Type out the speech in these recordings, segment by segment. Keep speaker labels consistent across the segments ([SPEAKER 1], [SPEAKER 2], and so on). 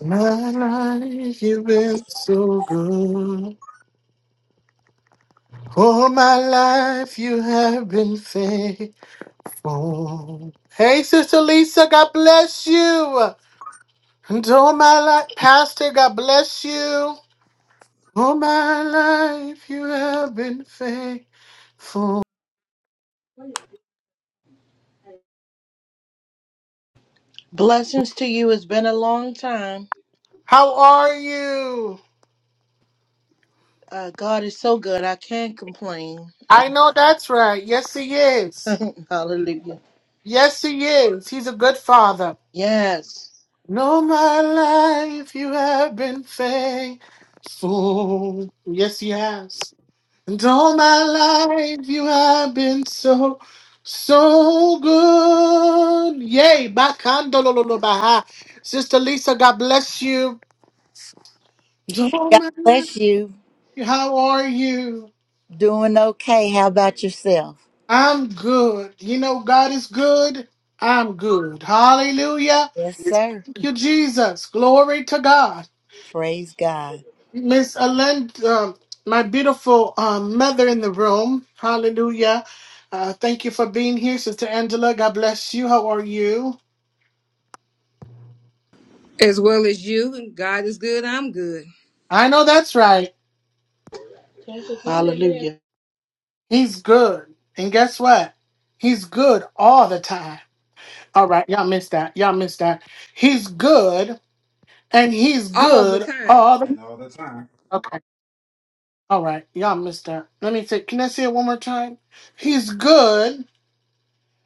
[SPEAKER 1] My life, you've been so good. All my life, you have been faithful. Hey, Sister Lisa, God bless you. And all my life, Pastor, God bless you. All my life, you have been faithful.
[SPEAKER 2] Blessings to you. It's been a long time.
[SPEAKER 1] How are you?
[SPEAKER 2] Uh, God is so good. I can't complain.
[SPEAKER 1] I know that's right. Yes, he is.
[SPEAKER 2] Hallelujah.
[SPEAKER 1] Yes, he is. He's a good father.
[SPEAKER 2] Yes.
[SPEAKER 1] And all my life you have been faithful. Yes, he has. And all my life you have been so, so good. Yay. Bakandololobaha. Sister Lisa, God bless you. And all
[SPEAKER 3] God
[SPEAKER 1] my life,
[SPEAKER 3] bless you.
[SPEAKER 1] how are you?
[SPEAKER 3] Doing okay. How about yourself?
[SPEAKER 1] I'm good. You know, God is good. I'm good. Hallelujah.
[SPEAKER 3] Yes, sir.
[SPEAKER 1] Thank you, Jesus. Glory to God.
[SPEAKER 3] Praise God.
[SPEAKER 1] Miss Alend, um, my beautiful um, mother in the room, hallelujah. Uh, thank you for being here, Sister Angela. God bless you. How are you?
[SPEAKER 4] As well as you, and God is good, I'm good.
[SPEAKER 1] I know that's right.
[SPEAKER 2] Hallelujah.
[SPEAKER 1] He's good. And guess what? He's good all the time. All right, y'all missed that. Y'all missed that. He's good and he's
[SPEAKER 4] All the
[SPEAKER 1] good
[SPEAKER 4] time.
[SPEAKER 1] all the Okay. All right, y'all missed that. Let me say, can I say it one more time? He's good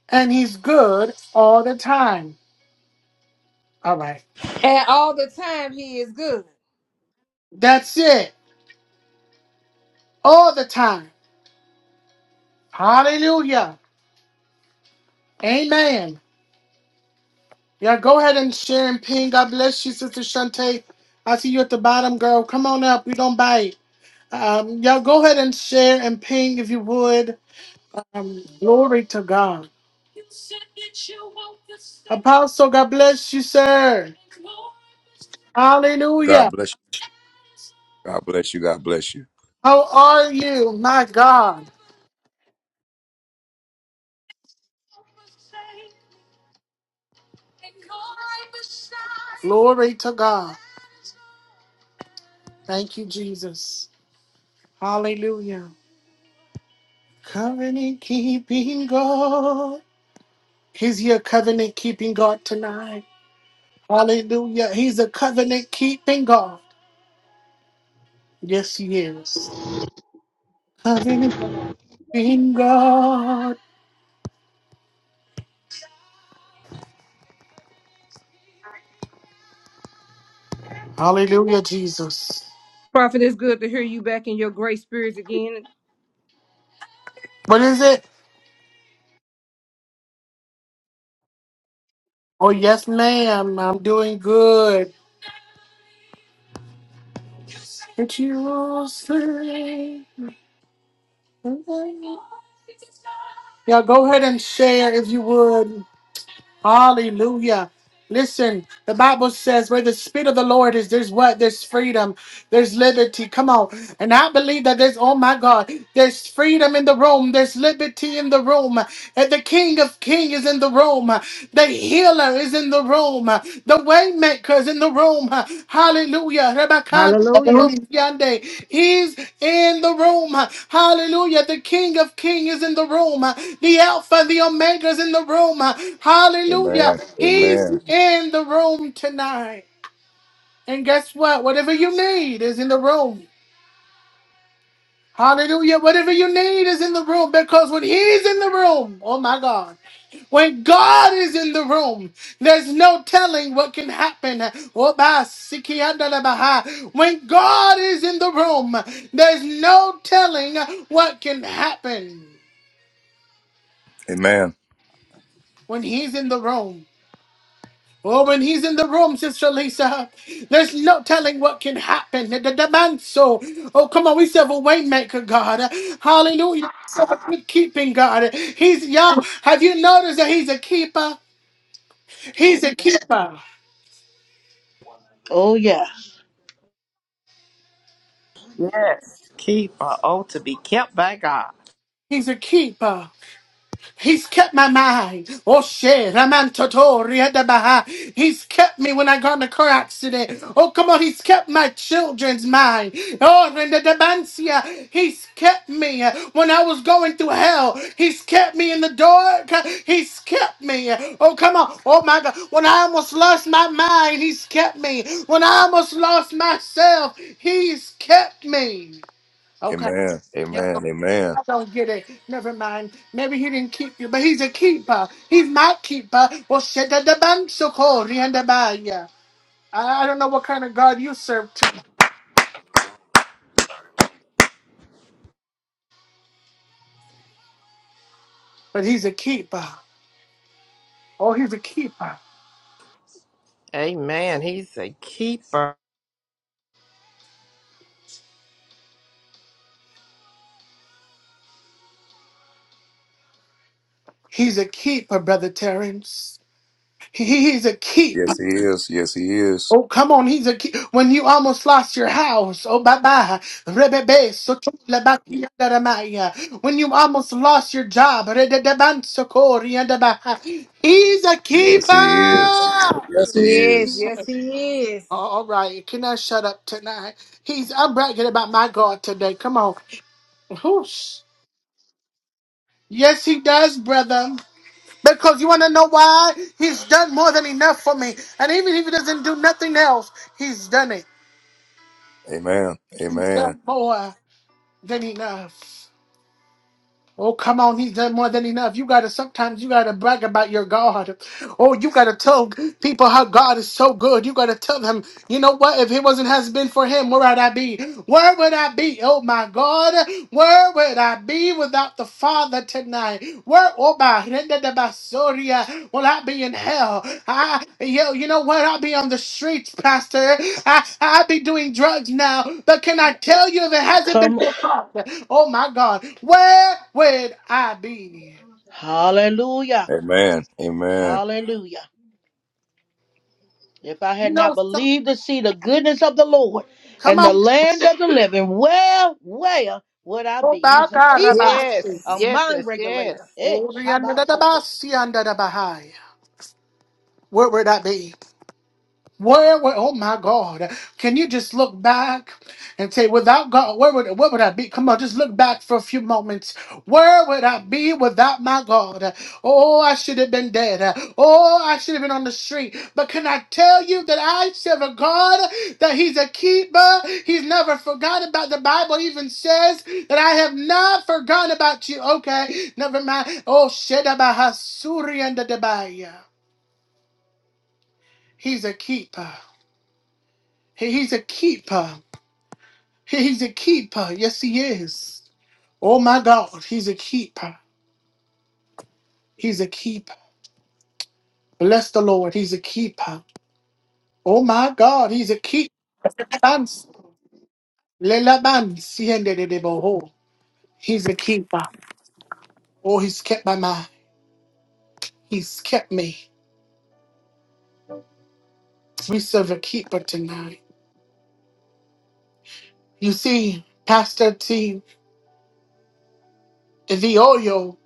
[SPEAKER 1] and he's good all the time. All right.
[SPEAKER 4] And all the time, He is good.
[SPEAKER 1] That's it. all the time. Hallelujah. Amen. Yeah, go ahead and share and ping. God bless you, Sister Shante. I see you at the bottom, girl. Come on up. We don't bite. Um, y'all go ahead and share and ping if you would. Um, glory to God. Apostle, God bless you, sir. Hallelujah.
[SPEAKER 5] God bless you. God bless you. God bless you.
[SPEAKER 1] How are you? My God. Glory to God. Thank you, Jesus. Hallelujah. Covenant keeping God. He's your covenant keeping God tonight. Hallelujah. He's a covenant keeping God. Yes, he is. Covenant keeping God. Hallelujah, Jesus.
[SPEAKER 4] Prophet, it's good to hear you back in your great spirits again.
[SPEAKER 1] What is it? Oh, yes, ma'am. I'm doing good. But you will sing. Yeah, go ahead and share if you would. Hallelujah. Listen, the Bible says where the Spirit of the Lord is, there's what? There's freedom. There's liberty. Come on. And I believe that there's, oh my God, there's freedom in the room. There's liberty in the room. And the King of King is in the room. The healer is in the room. The waymaker is in the room. Hallelujah. Rebecca.
[SPEAKER 4] Hallelujah.
[SPEAKER 1] Yande. He's in the room. Hallelujah. The King of King is in the room. The Alpha and the Omega is in the room. Hallelujah.
[SPEAKER 5] Amen.
[SPEAKER 1] He's
[SPEAKER 5] Amen.
[SPEAKER 1] in the room tonight. And guess what? Whatever you need is in the room. Hallelujah. Whatever you need is in the room because when He's in the room, oh my God. When God is in the room, there's no telling what can happen. Oh, ba, siki, anda, la, baha. When God is in the room, there's no telling what can happen
[SPEAKER 5] Amen.
[SPEAKER 1] when He's in the room. Oh, when he's in the room, Sister Lisa, there's no telling what can happen. The, the demand so. Oh, come on, we serve a waymaker, God. Hallelujah. So good keeping, God. He's young. Have you noticed that he's a keeper? He's a keeper.
[SPEAKER 2] Oh, yeah.
[SPEAKER 6] Yes. Keeper. Oh, to be kept by God.
[SPEAKER 1] He's a keeper. He's kept my mind. Oh shit, Raman Totori at the Baha. He's kept me when I got in a car accident. Oh come on, he's kept my children's mind. Oh Renda Debancia, he's kept me uh, when I was going through hell. He's kept me in the dark. He's kept me. Oh come on. Oh my god. When I almost lost my mind, he's kept me. When I almost lost myself, he's kept me. Okay.
[SPEAKER 5] Amen.
[SPEAKER 1] Yeah.
[SPEAKER 5] Amen. Amen.
[SPEAKER 1] I don't get it. Never mind. Maybe he didn't keep you, but he's a keeper. He's my keeper. Well, shit, that the bank so cold. He and the bag, yeah. I I don't know what kind of God you serve to, but he's a keeper. Oh, he's a keeper.
[SPEAKER 6] Amen. He's a keeper.
[SPEAKER 1] He's a keeper, brother Terrence. He- He's a keeper.
[SPEAKER 5] Yes, he is. Yes, he is.
[SPEAKER 1] Oh, come on. He's a ki- when you almost lost your house. Oh, bye bye. Rebebe, soto lebakia daramaya. When you almost lost your job. rededeban sokoria daba. He's a
[SPEAKER 5] Yes, he is.
[SPEAKER 1] keeper.
[SPEAKER 4] Yes,
[SPEAKER 5] Yes, he
[SPEAKER 4] He is.
[SPEAKER 5] is.
[SPEAKER 4] Yes, He is.
[SPEAKER 1] All right. Can I shut up tonight? He's, I'm bragging about my God today. Come on. Whoosh. Yes, he does, brother. Because you want to know why? He's done more than enough for me. And even if he doesn't do nothing else, he's done it.
[SPEAKER 5] Amen.
[SPEAKER 1] He's
[SPEAKER 5] Amen.
[SPEAKER 1] done more. than enough. Oh, come on, he's done more than enough. You gotta sometimes you gotta brag about your God. Oh, you gotta tell people how God is so good. You gotta tell them, you know what? If it wasn't has been for him, where would I be? Where would I be? Oh my God, where would I be without the Father? night. Where Oba my rende de basoria will I be in hell? I, you, you know what? I'll be on the streets, Pastor. I I'll be doing drugs now. But can I tell you if it hasn't been
[SPEAKER 2] Come.
[SPEAKER 1] for God? Oh my God, where would I be?
[SPEAKER 2] Hallelujah.
[SPEAKER 5] Amen. Amen.
[SPEAKER 2] Hallelujah. If I had not
[SPEAKER 1] No, so,
[SPEAKER 2] believed to see the goodness of the Lord
[SPEAKER 1] come
[SPEAKER 2] and the
[SPEAKER 1] on.
[SPEAKER 2] land of the living, well, where would I
[SPEAKER 1] Oba
[SPEAKER 2] be?
[SPEAKER 1] my
[SPEAKER 2] He's a
[SPEAKER 1] God, Rabbi.
[SPEAKER 2] keeper,
[SPEAKER 6] Yes.
[SPEAKER 2] a
[SPEAKER 6] Yes,
[SPEAKER 2] mind
[SPEAKER 6] yes, yes.
[SPEAKER 2] regulator. Hey,
[SPEAKER 1] Oh, riende
[SPEAKER 2] Shabbat Soto.
[SPEAKER 1] basi, ande de bahai. Where would I be? Where, where, oh my God. Can you just look back and say, without God, where would, where would I be? Come on, just look back for a few moments. Where would I be without my God? Oh, I should have been dead. Oh, I should have been on the street. But can I tell you that I serve a God, that He's a keeper? He's never forgotten about. The Bible even says that I have not forgotten about you. Okay, never mind. Oh, Shedabahasuri and the Debaya. He's a keeper. He- He's a keeper. He's a keeper. Yes, he is. Oh my God, he's a keeper. He's a keeper. Bless the Lord, he's a keeper. Oh my God, he's a keeper. He's a keeper. Oh, he's kept my mind. He's kept me. We serve a keeper tonight. You see, Pastor T, the oil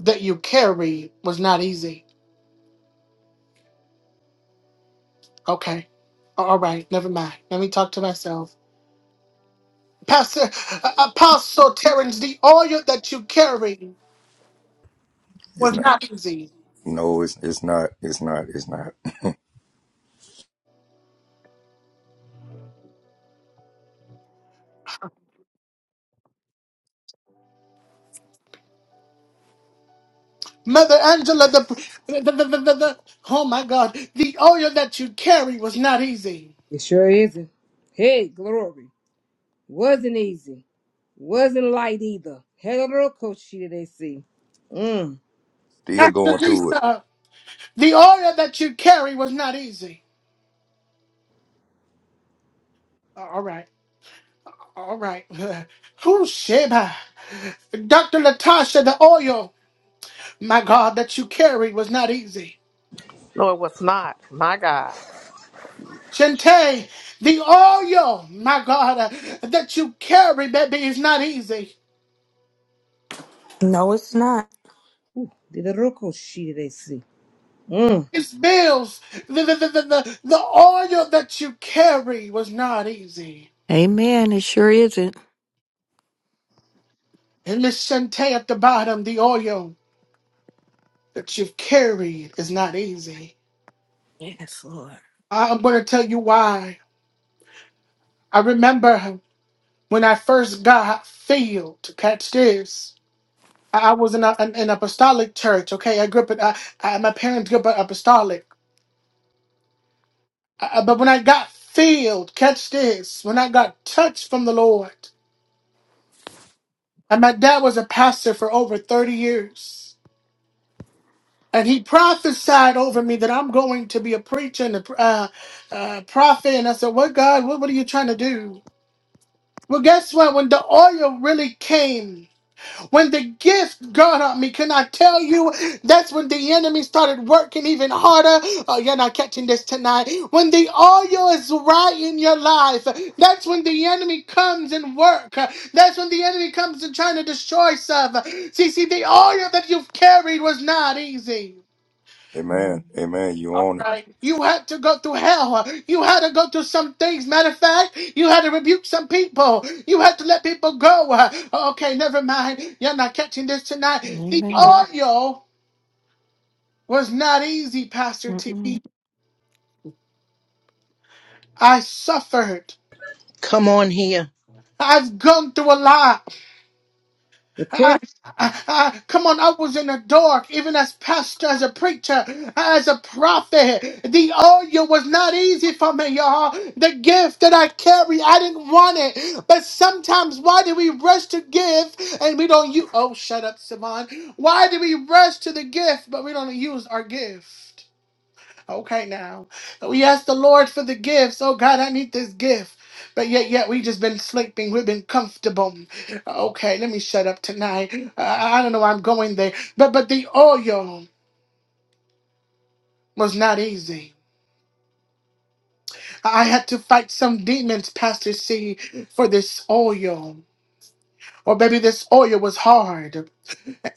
[SPEAKER 1] that you carry was not easy. Okay. All right, never mind. Let me talk to myself. Pastor uh, Apostle Terrence, the oil that you carry
[SPEAKER 5] It's
[SPEAKER 1] was
[SPEAKER 5] not.
[SPEAKER 1] not easy.
[SPEAKER 5] No, it's it's not. It's not. It's not.
[SPEAKER 1] Mother Angela, the, the, the, the, the, the- oh my God, the oil that you carry was not easy.
[SPEAKER 4] It sure isn't. Hey, glory. Wasn't easy. Wasn't light either. Had a little coach she they see. Mm.
[SPEAKER 5] Still
[SPEAKER 1] Pastor
[SPEAKER 5] going through it.
[SPEAKER 1] Lisa, the oil that you carry was not easy. All right, all right. Who Sheba? Dr. Latasha, the oil, my God, that you carry was not easy.
[SPEAKER 6] No, it was not. My God.
[SPEAKER 1] Shante, the oil, my God, uh, that you carry, baby, is not easy.
[SPEAKER 7] No, it's not.
[SPEAKER 4] Did a little coach she they see. Mm.
[SPEAKER 1] His bills, the, the, the, the, the, the oil that you carry was not easy.
[SPEAKER 8] Amen. It sure isn't.
[SPEAKER 1] And Miss Shante at the bottom, the oil that you've carried is not easy.
[SPEAKER 8] Yes, Lord.
[SPEAKER 1] I- am going to tell you why. I remember when I first got filled to catch this. I I was in a, an, an apostolic church, okay? I grew up, in, I, I, my parents grew up apostolic. I, I- but when I got filled, catch this, when I got touched from the Lord, and my dad was a pastor for over 30 years. and he prophesied over me that I'm going to be a preacher and a uh, uh, prophet. And I said, What God, what, what are you trying to do? Well, guess what? When the oil really came, when the gift got on me, can I tell you? That's when the enemy started working even harder. Oh, you're not catching this tonight. When the oil is right in your life, that's when the enemy comes and work. That's when the enemy comes and trying to destroy stuff. See, see, the oil that you've carried was not easy.
[SPEAKER 5] Amen. Amen. You on it.
[SPEAKER 1] You had to go through hell. You had to go through some things. Matter of fact, you had to rebuke some people. You had to let people go. Okay, never mind. You're not catching this tonight. The
[SPEAKER 8] Amen.
[SPEAKER 1] audio was not easy, Pastor T.
[SPEAKER 8] Mm-mm.
[SPEAKER 1] I suffered.
[SPEAKER 2] Come on here.
[SPEAKER 1] I've gone through a lot.
[SPEAKER 4] The crush.
[SPEAKER 1] Ah, ah, ah, come on, I was in the dark, even as pastor, as a preacher, as a prophet. The oil was not easy for me, y'all. The gift that I carry, I didn't want it. But sometimes, why do we rush to give and we don't use? Oh, shut up, Simon. Why do we rush to the gift but we don't use our gift? Okay, now we ask the Lord for the gifts. Oh God, I need this gift. But yet, yet we just been sleeping. We've been comfortable. Okay, let me shut up tonight. I, I don't know. why I'm going there. But but the oil was not easy. I had to fight some demons, Pastor C, for this oil. Or maybe this oil was hard.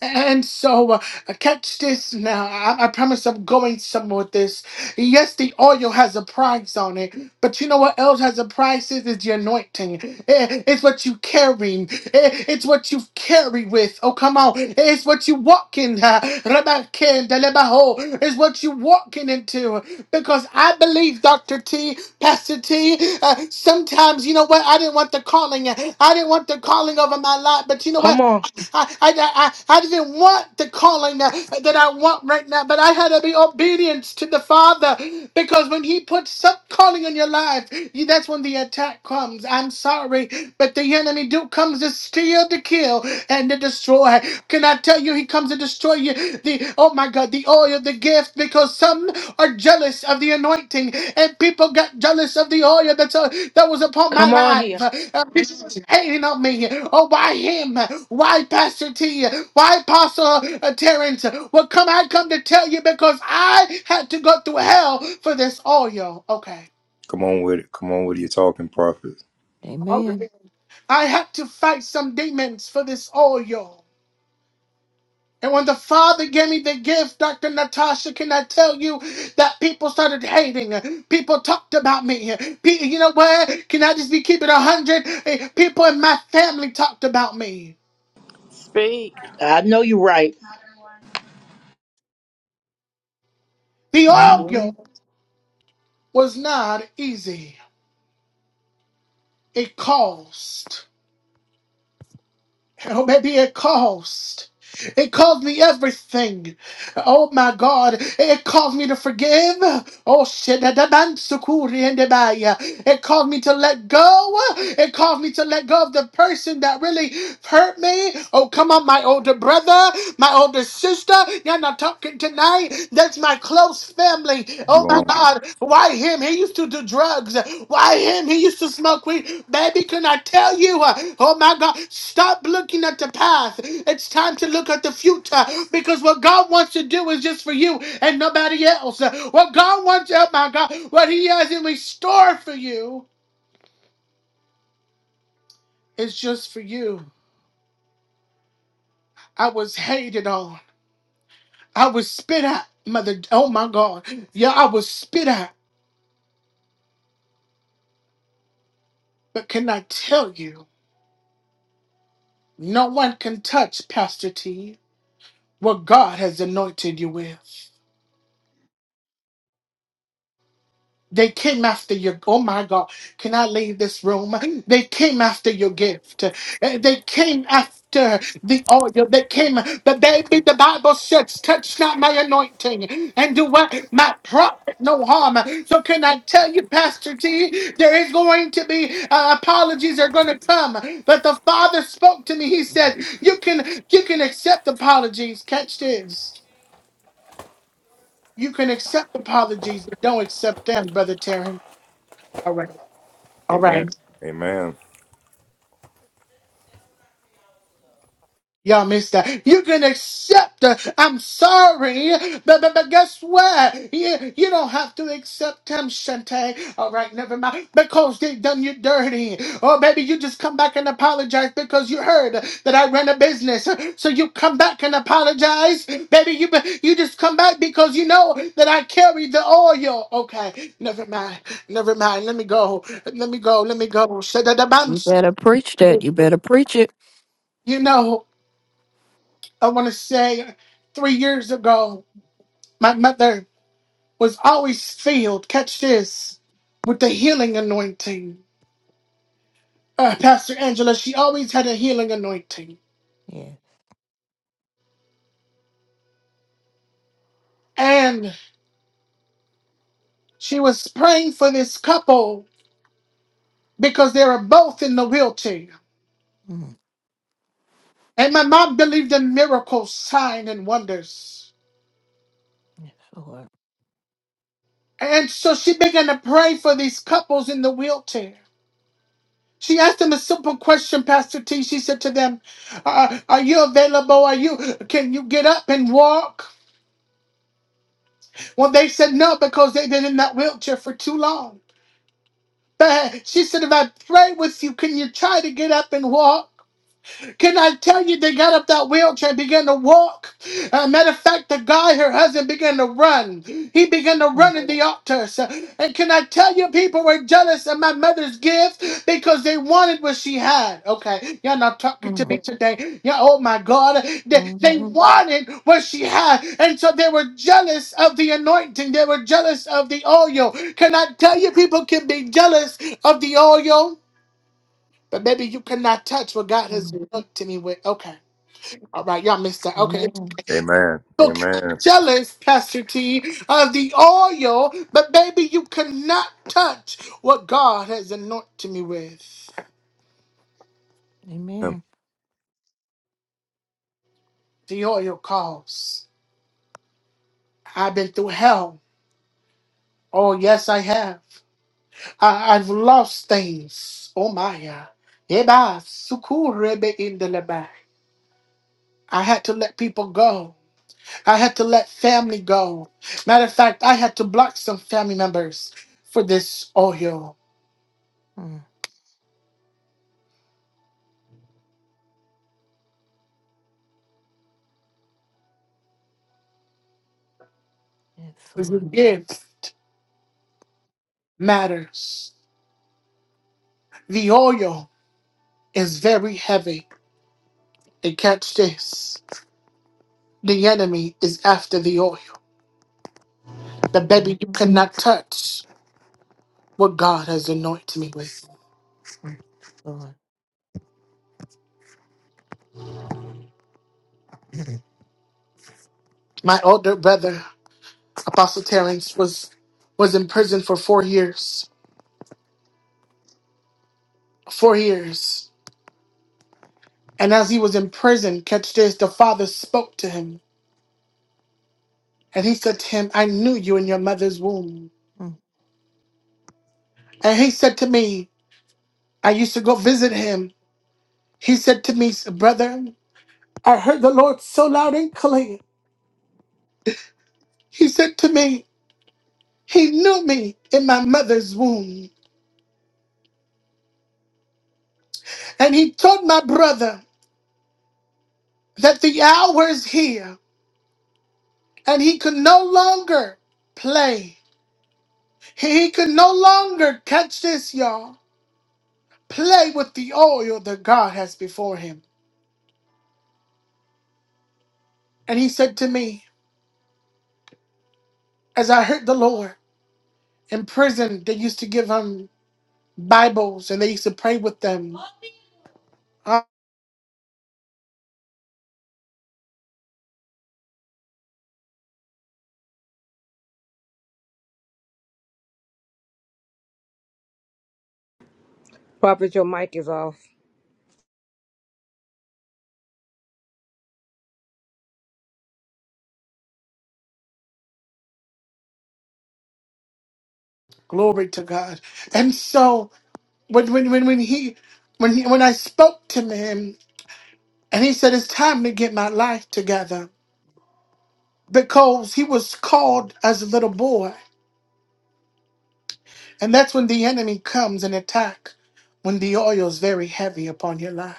[SPEAKER 1] And so, uh, catch this now. I, I promise I'm going somewhere with this. Yes, the oil has a price on it, but you know what else has a price? It is the anointing. Eh, It's what you carry. Eh, It's what you carry with. Oh, come on. It's what you walk in. uh, Rabakendelemaho. It's what you walking into. Because I believe, Dr. T, Pastor T, uh, sometimes, you know what? I didn't want the calling. I didn't want the calling over my life, but you know what?
[SPEAKER 2] Come on.
[SPEAKER 1] I, I, I, I didn't want the calling that, that I want right now, but I had to be obedient to the Father because when He puts some calling on your life, you- that's when the attack comes. I'm sorry, but the enemy do comes to steal, to kill, and to destroy. Can I tell you, He comes to destroy you? The oh my God, the oil of the gift because some are jealous of the anointing and people got jealous of the oil that's uh, that was upon my
[SPEAKER 2] Come on
[SPEAKER 1] life
[SPEAKER 2] here.
[SPEAKER 1] uh, people was hating on me oh why him why pastor t why apostle uh, terrence well come i come to tell you because i had to go through hell for this oil okay
[SPEAKER 5] Come on with it. Come on with your talking prophets.
[SPEAKER 8] Amen.
[SPEAKER 1] i had to fight some demons for this oil And when the Father gave me the gift, Dr. Natasha, can I tell you that people started hating? People talked about me. Pe- you know what? Can I just be keeping a hundred? Eh, People in my family talked about me.
[SPEAKER 6] Speak.
[SPEAKER 2] I know you're right.
[SPEAKER 1] The
[SPEAKER 8] hmm
[SPEAKER 1] oil
[SPEAKER 8] You
[SPEAKER 1] was not easy. It cost. Oh, baby, it cost. It caused me everything. Oh my God. It caused me to forgive. Oh shit. da- da- ban- sukuri and debaya. It caused me to let go. It caused me to let go of the person that really hurt me. Oh, come on, my older brother, my older sister. You're not talking tonight. That's my close family. Oh
[SPEAKER 5] You
[SPEAKER 1] my
[SPEAKER 5] on it.
[SPEAKER 1] God. Why him? He used to to the drugs. Why him? He used to smoke weed. Baby, can I tell you? uh, Oh my God, stop looking at the past. It's time to look at the future because what God wants to do is just for you and nobody else. What God wants, oh my God, what He has in store for you is just for you. I was hated on. I was spit at, mother. Oh my God. Yeah, I was spit at. But can I tell you? No one can touch Pastor T, what God has anointed you with. They came after your, oh my God, can I leave this room? They came after your gift. Uh, They came after the oil. They came, but baby, the Bible says, touch not my anointing and do what? My prophet no harm. So can I tell you, Pastor T, there is going to be, uh, apologies are going to come. But the Father spoke to me. He said, you can, you can accept apologies. Catch this. You can accept apologies, but don't accept them, Brother Terry. All right. All right.
[SPEAKER 5] Amen. Amen.
[SPEAKER 1] Y'all missed that. You can accept. uh, I'm sorry, but but, but guess what? You, you don't have to accept him, Shante. All right, never mind. Because they done you dirty. Or maybe you just come back and apologize because you heard that I ran a business. So you come back and apologize. Baby, you you just come back because you know that I carry the oil. Okay, never mind. Never mind. Let me go. Let me go. Let me go. Shadadabans.
[SPEAKER 8] better preach that. You better preach it.
[SPEAKER 1] You know. I want to say three years ago, my mother was always filled, catch this, with the healing anointing. Uh, Pastor Angela, she always had a healing anointing.
[SPEAKER 8] Yeah.
[SPEAKER 1] And she was praying for this couple because they were both in the wheelchair.
[SPEAKER 8] Mm,
[SPEAKER 1] And my mom believed in miracles, signs, and wonders.
[SPEAKER 8] Lord.
[SPEAKER 1] And so she began to pray for these couples in the wheelchair. She asked them a simple question, Pastor T. She said to them, uh, "Are you available? Are you? Can you get up and walk?" Well, they said no because they've been in that wheelchair for too long. But she said, "If I pray with you, can you try to get up and walk?" Can I tell you, they got up that wheelchair and began to walk. Uh, matter of fact, the guy, her husband, began to run. He began to
[SPEAKER 8] Mm,
[SPEAKER 1] run in the altars. And can I tell you, people were jealous of my mother's gift because they wanted what she had. Okay, y'all not talking to me
[SPEAKER 8] mm,
[SPEAKER 1] today. Yeah, oh my God. They, they
[SPEAKER 8] mhm,
[SPEAKER 1] wanted what she had. And so they were jealous of the anointing, they were jealous of the oil. Can I tell you, people can be jealous of the oil? But maybe you cannot touch what God has
[SPEAKER 8] mm.
[SPEAKER 1] anointed me with. Okay. All right. Y'all missed that. Okay.
[SPEAKER 8] Amen.
[SPEAKER 5] Amen.
[SPEAKER 1] So
[SPEAKER 5] Amen.
[SPEAKER 1] jealous, Pastor T, of the oil, but maybe you cannot touch what God has anointed me with.
[SPEAKER 8] Amen.
[SPEAKER 1] The oil calls. I've been through hell. Oh, yes, I have. I, I've lost things. Oh, my. yeah. Eba, sukurebe indelebe. I had to let people go. I had to let family go. Matter of fact, I had to block some family members for this oil.
[SPEAKER 8] Mm. Yes,
[SPEAKER 1] The
[SPEAKER 8] Lord.
[SPEAKER 1] gift matters. The oil is very heavy. And catch this the enemy is after the oil. The baby you
[SPEAKER 8] hmm
[SPEAKER 1] cannot touch what God has anointed me with.
[SPEAKER 8] Lord.
[SPEAKER 1] My older brother, Apostle Terrence, was was in prison for four years. Four years. And as he was in prison, catch this, the father spoke to him And he said to him, I knew you in your mother's womb. And he said to me, I used to go visit him. He said to me, Brother, I heard the Lord so loud and clear. He said to me, He knew me in my mother's womb. And he told my brother that the hour is here and he could no longer play. He could no longer catch this, y'all. Play with the oil that God has before him. And he said to me, as I heard the Lord. in prison, they used to give him Bibles and they used to pray with them. Oh,
[SPEAKER 4] Prophet, your mic is off.
[SPEAKER 1] glory to God. And so when when when, when he when he, when I spoke to him and he said it's time to get my life together because he was called as a little boy and that's when the enemy comes and attack when the oil is very heavy upon your life.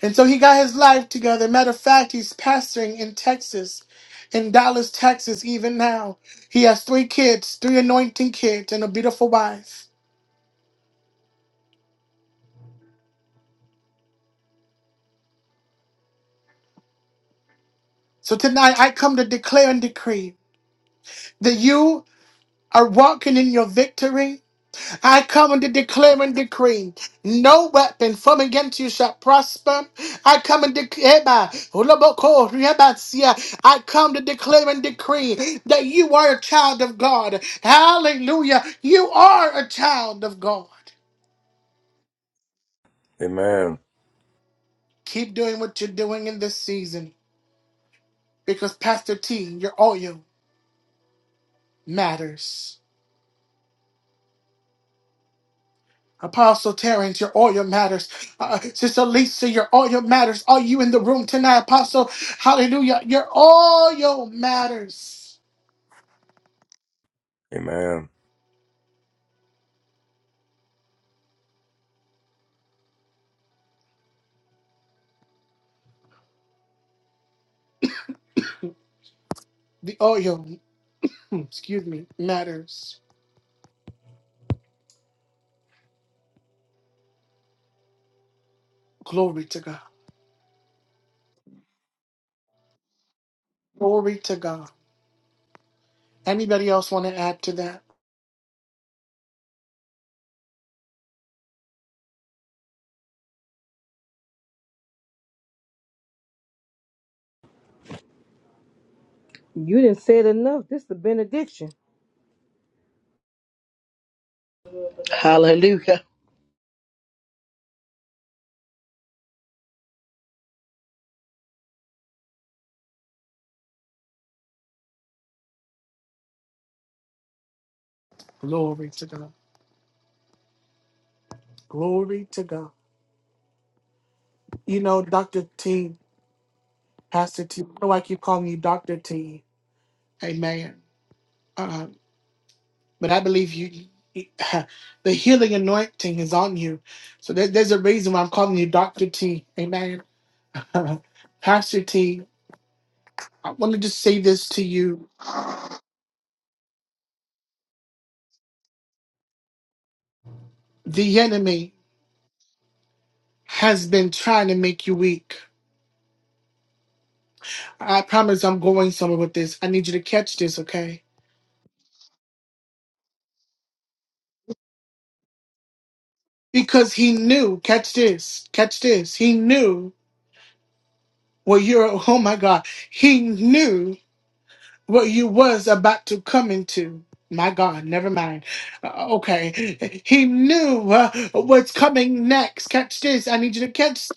[SPEAKER 1] And so he got his life together. Matter of fact, he's pastoring in Texas, in Dallas, Texas, even now. He has three kids, three anointing kids, and a beautiful wife. So tonight I come to declare and decree that you are walking in your victory. I come and declare and decree no weapon formed against you shall prosper. I come and declare, I come to declare and decree that you are a child of God. Hallelujah. You are a child of God.
[SPEAKER 5] Amen.
[SPEAKER 1] Keep doing what you're doing in this season because, Pastor T, your oil matters. Apostle Terrence, your oil matters. Uh, Sister Lisa, your oil matters. Are you in the room tonight, Apostle? Hallelujah. Your oil matters.
[SPEAKER 5] Amen.
[SPEAKER 1] The oil, hmm, excuse me, matters. Glory to God. Glory to God. Anybody else want to add to that?
[SPEAKER 4] You didn't say it enough. This is the benediction.
[SPEAKER 2] Hallelujah.
[SPEAKER 1] Glory to God. Glory to God. You know, Dr. T, Pastor T, I know I keep calling you Dr. T. Amen. Uh, but I believe you, the healing anointing is on you. So there, there's a reason why I'm calling you Dr. T. Amen. Pastor T, I want to just say this to you. The enemy has been trying to make you weak. I promise I'm going somewhere with this. I need you to catch this, okay? Because he knew, catch this, catch this. He knew, well, you're, oh my God, he knew what you was about to come into. My God, never mind. Uh, okay, he knew uh, what's coming next. Catch this. I need you to catch.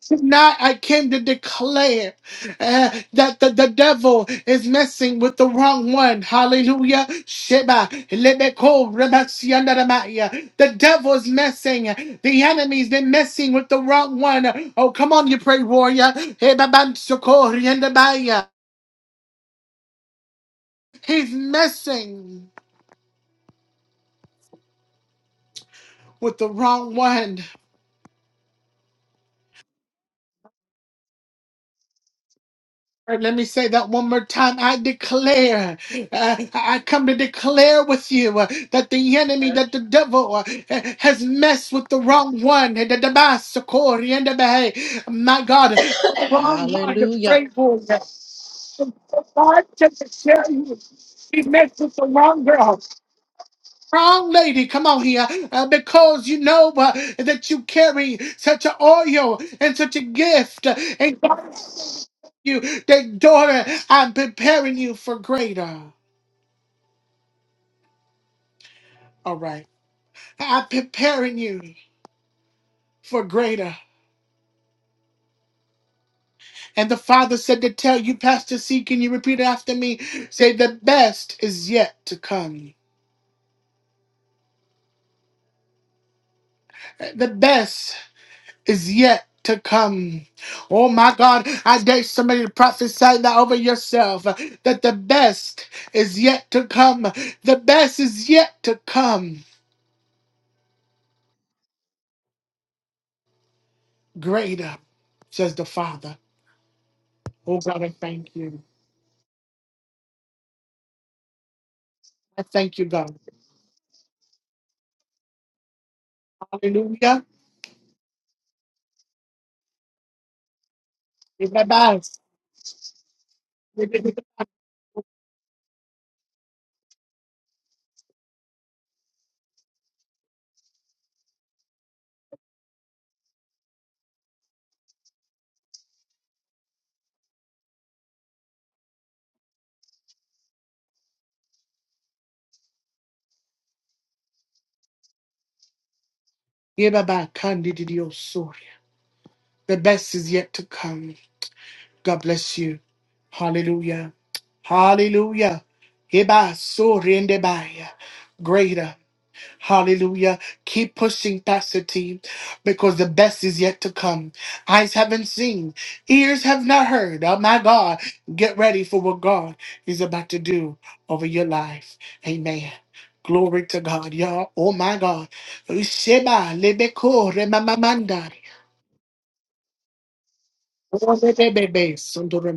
[SPEAKER 1] Tonight, I came to declare uh, that the, the devil is messing with the wrong one. Hallelujah. Sheba, lebeko, rebasiandaramaya. The devil is messing. The enemy's been messing with the wrong one. Oh, come on, you pray warrior. Hebabansoko, riendabaya. He's messing. with the wrong one. All right, let me say that one more time. I declare, uh, I come to declare with you uh, that the enemy, that the devil uh, has messed with the wrong one. And the Dabasakori and the Baha'i. My God,
[SPEAKER 2] Hallelujah.
[SPEAKER 1] wrong lady, come on here, uh, because you know uh, that you carry such an oil and such a gift. uh, and God, you, that daughter, I'm preparing you for greater. All right. I'm preparing you for greater. And the Father said to tell you, Pastor C, can you repeat it after me? Say, the best is yet to come. The best is yet to come. Oh my God, I dare somebody to prophesy that over yourself uh, that the best is yet to come. The best is yet to come. Greater, says the Father. Oh God, I thank you. I thank you, God. Hallelujah. Yebaba- yebaba- yebaba- kandididiosori. The best is yet to come. God bless you. Hallelujah. Hallelujah. Heba sorendebaya. Greater. Hallelujah. Keep pushing, Pastor T, because the best is yet to come. Eyes haven't seen, ears have not heard. Oh my God. Get ready for what God is about to do over your life. Amen. Glory to God, y'all. Oh my God. Sheba lebeko remamamanda. Oh, lebebebe,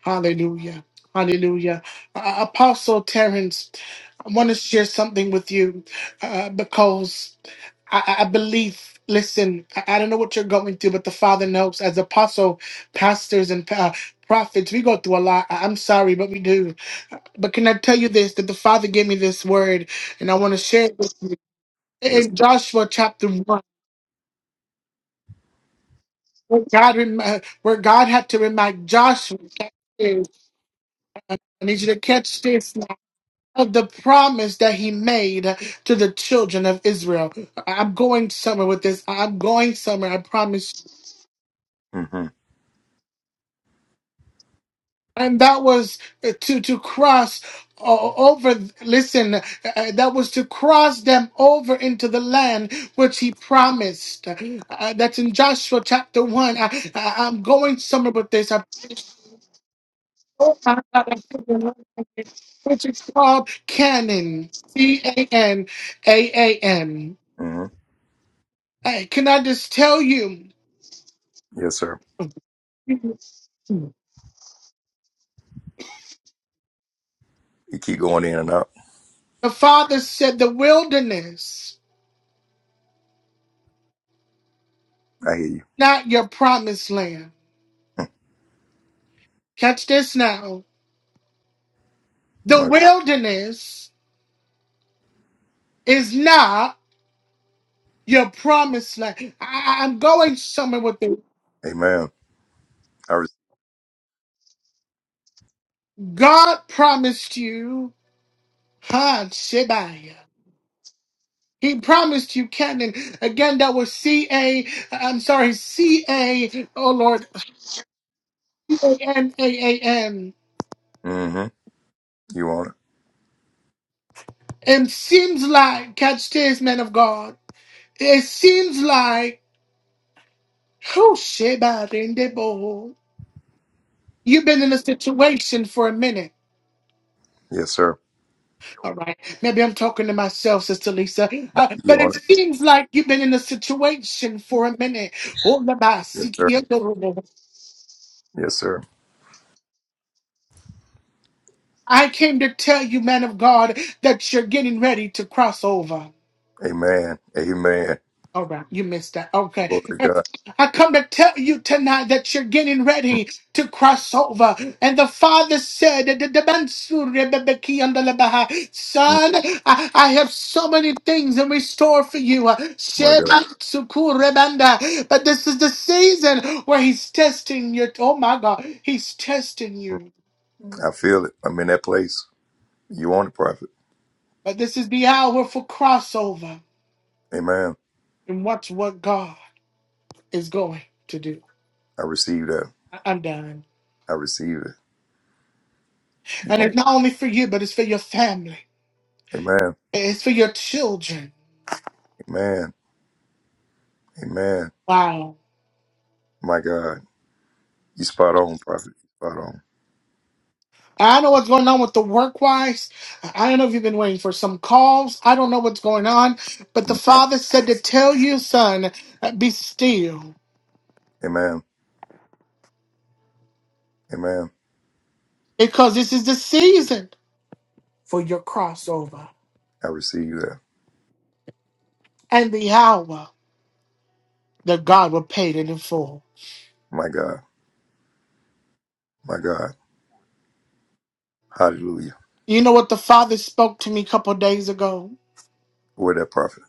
[SPEAKER 1] Hallelujah. Hallelujah. Uh, Apostle Terrence, I want to share something with you uh, because I, I believe, listen, I, I don't know what you're going through, but the Father knows. As apostle, pastors, and uh, prophets, we go through a lot. I, I'm sorry, but we do. But can I tell you this that the Father gave me this word, and I want to share it with-
[SPEAKER 5] Yes,
[SPEAKER 1] in Joshua chapter 1. Where God, rem- uh, where God had to remind Joshua, I need you to catch this. of the promise that he made to the children of Israel. I- I'm going somewhere with this. I'm going somewhere. I promise.
[SPEAKER 5] Mm hmm
[SPEAKER 1] And that was uh, to to cross o- over. Listen, uh, uh, that was to cross them over into the land which he promised. Uh, that's in Joshua chapter one. I, I, I'm going somewhere with this. I, which is called Canaan. C A N A A N.
[SPEAKER 5] hmm
[SPEAKER 1] Uh, Can I just tell you?
[SPEAKER 5] Yes, sir. You keep going in and out.
[SPEAKER 1] The Father said, The wilderness,
[SPEAKER 5] I hear you.
[SPEAKER 1] not your promised land. Catch this now. The
[SPEAKER 5] Like,
[SPEAKER 1] wilderness is not your promised land. I- I- am going somewhere with it.
[SPEAKER 5] amen. I re-
[SPEAKER 1] God promised you, huh, Shebaiah. He promised you Canaan. Again, that was C A, I'm sorry, C A, oh Lord, C A N A A N.
[SPEAKER 5] hmm You want it?
[SPEAKER 1] It seems like, catch this, man of God. It seems like Oh, shit, bad in the bowl. You've been in a situation for a minute.
[SPEAKER 5] Yes, sir.
[SPEAKER 1] All right. Maybe I'm talking to myself, Sister Lisa. Uh,
[SPEAKER 5] You
[SPEAKER 1] but it
[SPEAKER 5] want it?
[SPEAKER 1] seems like you've been in a situation for a minute. Oh, la ba,
[SPEAKER 5] Yes,
[SPEAKER 1] si, ki,
[SPEAKER 5] sir.
[SPEAKER 1] yo, do, do, do.
[SPEAKER 5] Yes, sir.
[SPEAKER 1] I came to tell you, man of God, that you're getting ready to cross over.
[SPEAKER 5] Amen. Amen.
[SPEAKER 1] All right, you missed that. Okay.
[SPEAKER 5] Glory to God.
[SPEAKER 1] I come to tell you tonight that you're getting ready to cross over. And the father said, "The- the the Mansur Rebebeki and the Lebaha."
[SPEAKER 5] Mm,
[SPEAKER 1] Son, I, I have so many things in store for you.
[SPEAKER 5] My God.
[SPEAKER 1] Sheba Sukur Rebanda. But this is the season where he's testing you. Oh my God, he's testing
[SPEAKER 5] Mm.
[SPEAKER 1] you.
[SPEAKER 5] I feel it. I'm in that place. You want it, prophet.
[SPEAKER 1] But this is the hour for crossover.
[SPEAKER 5] Amen.
[SPEAKER 1] And watch what God is going to do.
[SPEAKER 5] I receive that.
[SPEAKER 1] I- I'm done.
[SPEAKER 5] I receive it. You
[SPEAKER 1] And
[SPEAKER 5] want
[SPEAKER 1] it's not only for you, but it's for your family.
[SPEAKER 5] Amen.
[SPEAKER 1] It's for your children.
[SPEAKER 5] Amen. Amen.
[SPEAKER 1] Wow.
[SPEAKER 5] My God. You spot on, prophet. Spot on.
[SPEAKER 1] I know what's going on with the work wise. I don't know if you've been waiting for some calls. I don't know what's going on. But the
[SPEAKER 5] Mm.
[SPEAKER 1] father said to tell you, son, be still.
[SPEAKER 5] Amen. Amen.
[SPEAKER 1] Because this is the season for your crossover
[SPEAKER 5] I receive that.
[SPEAKER 1] and the hour that God will pay it in full.
[SPEAKER 5] My God. My God. Hallelujah.
[SPEAKER 1] You know what the father spoke to me a couple days ago?
[SPEAKER 5] Where that prophet?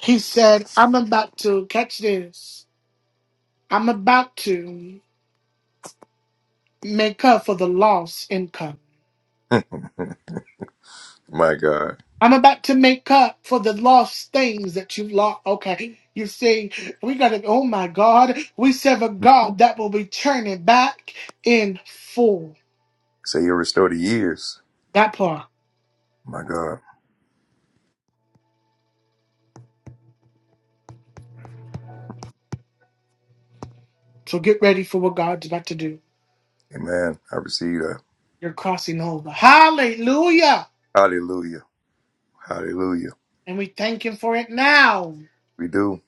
[SPEAKER 1] He said, I'm about to catch this. I'm about to. make up for the lost income.
[SPEAKER 5] My God.
[SPEAKER 1] I'm about to make up for the lost things that you lost. Okay. You see, we got to, oh my God, we serve a God that will be turning back in full.
[SPEAKER 5] Say you restore the years.
[SPEAKER 1] That part.
[SPEAKER 5] My God.
[SPEAKER 1] So get ready for what God's about to do.
[SPEAKER 5] Amen. I receive that.
[SPEAKER 1] You're crossing over. Hallelujah.
[SPEAKER 5] Hallelujah. Hallelujah.
[SPEAKER 1] And we thank Him for it now. In
[SPEAKER 5] We do.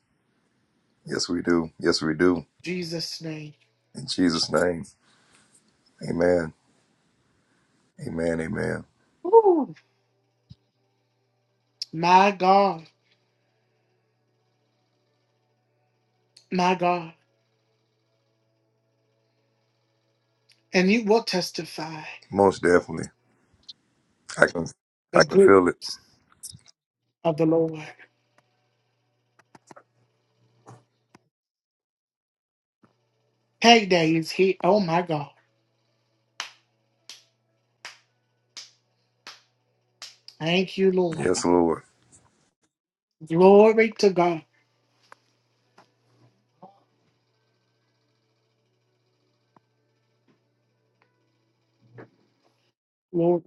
[SPEAKER 5] Yes, we do. Yes, we do.
[SPEAKER 1] Jesus' name.
[SPEAKER 5] In Jesus' name. Amen. Amen. Amen.
[SPEAKER 1] Ooh, my God. My God. And you will testify
[SPEAKER 5] Most definitely. I can
[SPEAKER 1] the
[SPEAKER 5] I can
[SPEAKER 1] good
[SPEAKER 5] feel it.
[SPEAKER 1] of the Lord. Payday is here. Oh my God. Thank you, Lord.
[SPEAKER 5] Yes, Lord.
[SPEAKER 1] Glory to God. Lord,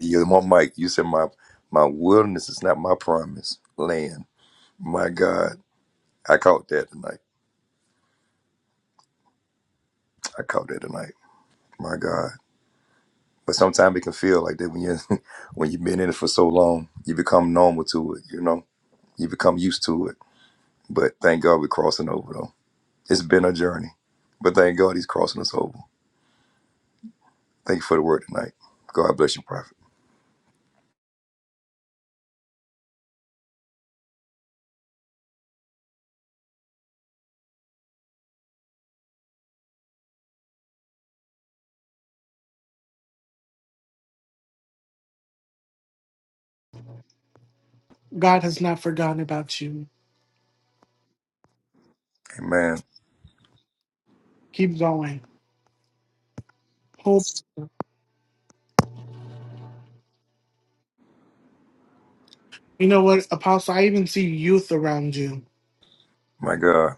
[SPEAKER 5] Yeah, my mic. You said my my wilderness is not my promise. Land. My God. I caught that tonight. I caught that tonight. My God. But sometimes it can feel like that when you when you've been in it for so long, you become normal to it. You know, you become used to it. But thank God we're crossing over though. It's been a journey, but thank God He's crossing us over. Thank you for the word tonight. God bless you, Prophet.
[SPEAKER 1] God has not forgotten about you.
[SPEAKER 5] Amen.
[SPEAKER 1] Keep going. Hope. You know what, Apostle? I even see youth around you,
[SPEAKER 5] My God.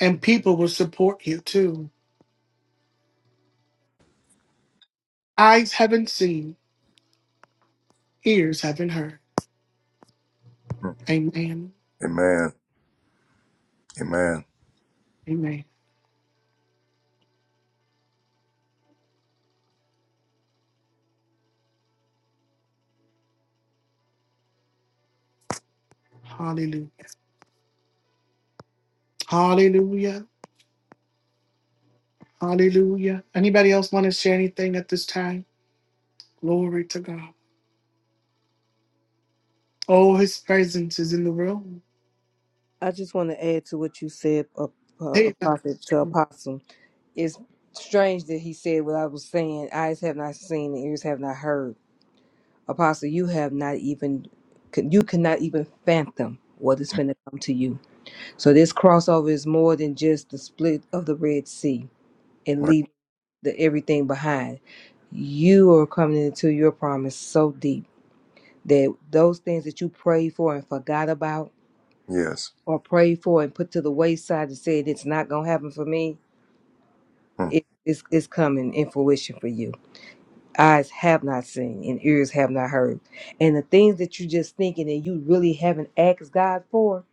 [SPEAKER 1] and people will support you too. Eyes haven't seen, ears haven't heard.
[SPEAKER 5] Hmm.
[SPEAKER 1] Amen.
[SPEAKER 5] Amen. Amen.
[SPEAKER 1] Amen. Hallelujah. Hallelujah. Hallelujah. Anybody else want to share anything at this time? Glory to God. Oh, his presence is in the room.
[SPEAKER 4] I just want to add to what you said, a, a
[SPEAKER 1] Hey, God.
[SPEAKER 4] prophet to apostle. It's strange that he said what I was saying. Eyes have not seen, and ears have not heard. Apostle, you have not even, you cannot even fathom what is going to come to you. So this crossover is more than just the split of the Red Sea and
[SPEAKER 5] My
[SPEAKER 4] leaving the everything behind. You are coming into your promise so deep that those things that you prayed for and forgot about
[SPEAKER 5] yes.
[SPEAKER 4] or prayed for and put to the wayside and said it's not going to happen for me,
[SPEAKER 5] Hmm.
[SPEAKER 4] it, it's, it's coming in fruition for you. Eyes have not seen and ears have not heard. And the things that you're just thinking and you really haven't asked God for,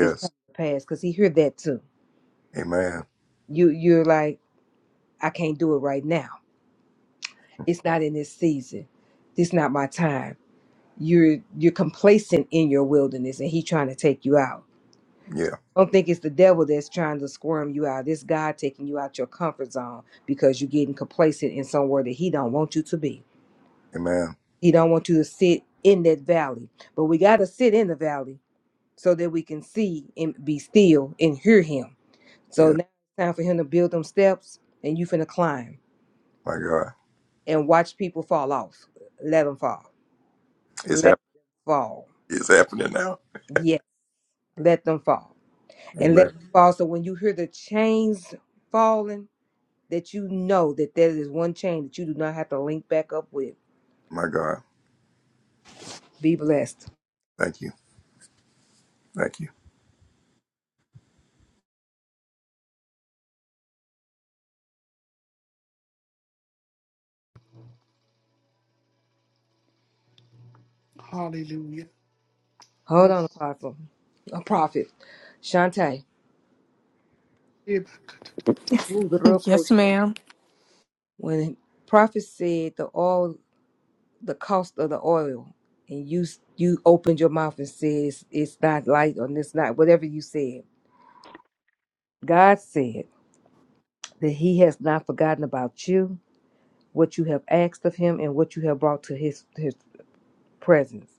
[SPEAKER 4] it's coming to pass because He heard that too.
[SPEAKER 5] Amen.
[SPEAKER 4] You, you're like, I can't do it right now. It's not in this season. This not my time. You're you're complacent in your wilderness, and He trying to take you out
[SPEAKER 5] Yeah.
[SPEAKER 4] So don't think it's the devil that's trying to squirm you out. This God taking you out your comfort zone because you're getting complacent in somewhere that He don't want you to be.
[SPEAKER 5] Amen.
[SPEAKER 4] He don't want you to sit in that valley. But we got to sit in the valley so that we can see and be still and hear Him. So
[SPEAKER 5] Yeah.
[SPEAKER 4] now it's time for Him to build them steps, and you finna climb
[SPEAKER 5] My God.
[SPEAKER 4] and watch people fall off. Let them fall.
[SPEAKER 5] It's happening.
[SPEAKER 4] Let them fall.
[SPEAKER 5] It's happening now.
[SPEAKER 4] Yes, let them fall, and let
[SPEAKER 5] Amen.
[SPEAKER 4] them fall. So when you hear the chains falling that you know that there is one chain that you do not have to link back up with.
[SPEAKER 5] My God.
[SPEAKER 4] Be blessed.
[SPEAKER 5] Thank you. Thank you.
[SPEAKER 1] Hallelujah.
[SPEAKER 4] Hold on,
[SPEAKER 1] Hallelujah.
[SPEAKER 4] Apostle. A prophet. Shantae. Ooh, the real coach.
[SPEAKER 7] Yes, ma'am.
[SPEAKER 4] When prophet said the oil, the cost of the oil, and you you opened your mouth and says it's not light on this night, whatever you said. God said that He has not forgotten about you, what you have asked of Him, and what you have brought to His His presence.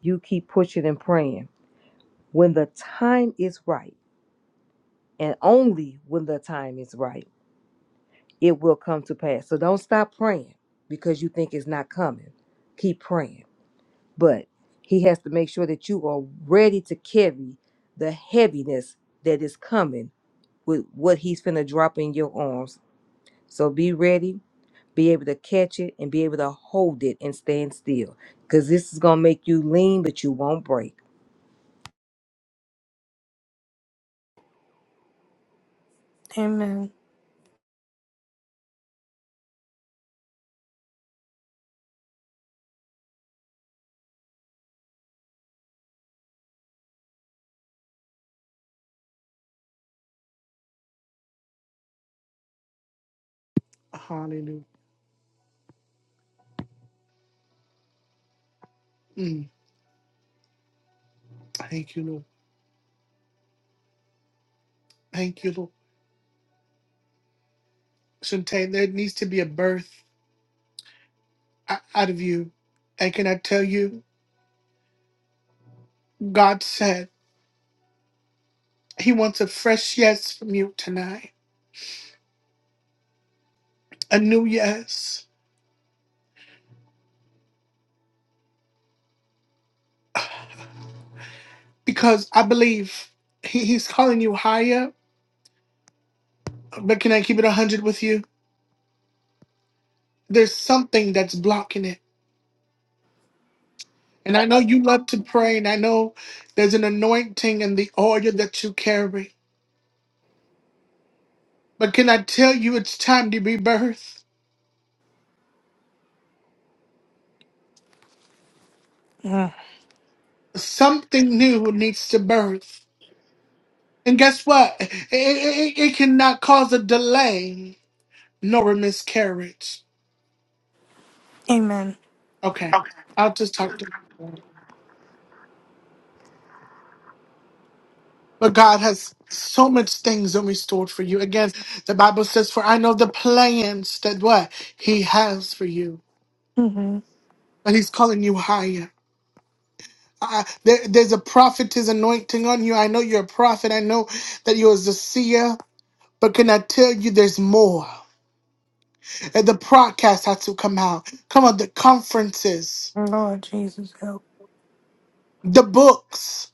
[SPEAKER 4] You keep pushing and praying. When the time is right. and only when the time is right it will come to pass so don't stop praying because you think it's not coming keep praying but he has to make sure that you are ready to carry the heaviness that is coming with what he's finna drop in your arms so be ready be able to catch it and be able to hold it and stand still because this is gonna make you lean but you won't break
[SPEAKER 7] Amen.
[SPEAKER 1] Hallelujah. Mm. Thank you, Lord. Thank you, Lord. Sometimes there needs to be a birth o- out of you. And can I tell you, God said He wants a fresh yes from you tonight, a new yes, because I believe he, He's calling you higher. But can I keep it 100 with you? There's something that's blocking it. And I know you love to pray, and I know there's an anointing in the oil that you carry. But can I tell you, it's time to be birthed?
[SPEAKER 7] Mm.
[SPEAKER 1] Something new needs to birth. And guess what? It, it, it cannot cause a delay nor a miscarriage.
[SPEAKER 7] Amen.
[SPEAKER 1] Okay, I'll just talk to But God has so much things in restored for you. Again, the Bible says, For I know the plans that what He has for you.
[SPEAKER 7] hmm
[SPEAKER 1] And He's calling you higher. Uh, there, there's a prophet's anointing on you. I know you're a prophet. I know that you're a seer. But can I tell you there's more? And the podcast has to come out. Come on, the conferences,
[SPEAKER 7] Lord Jesus, help.
[SPEAKER 1] the books.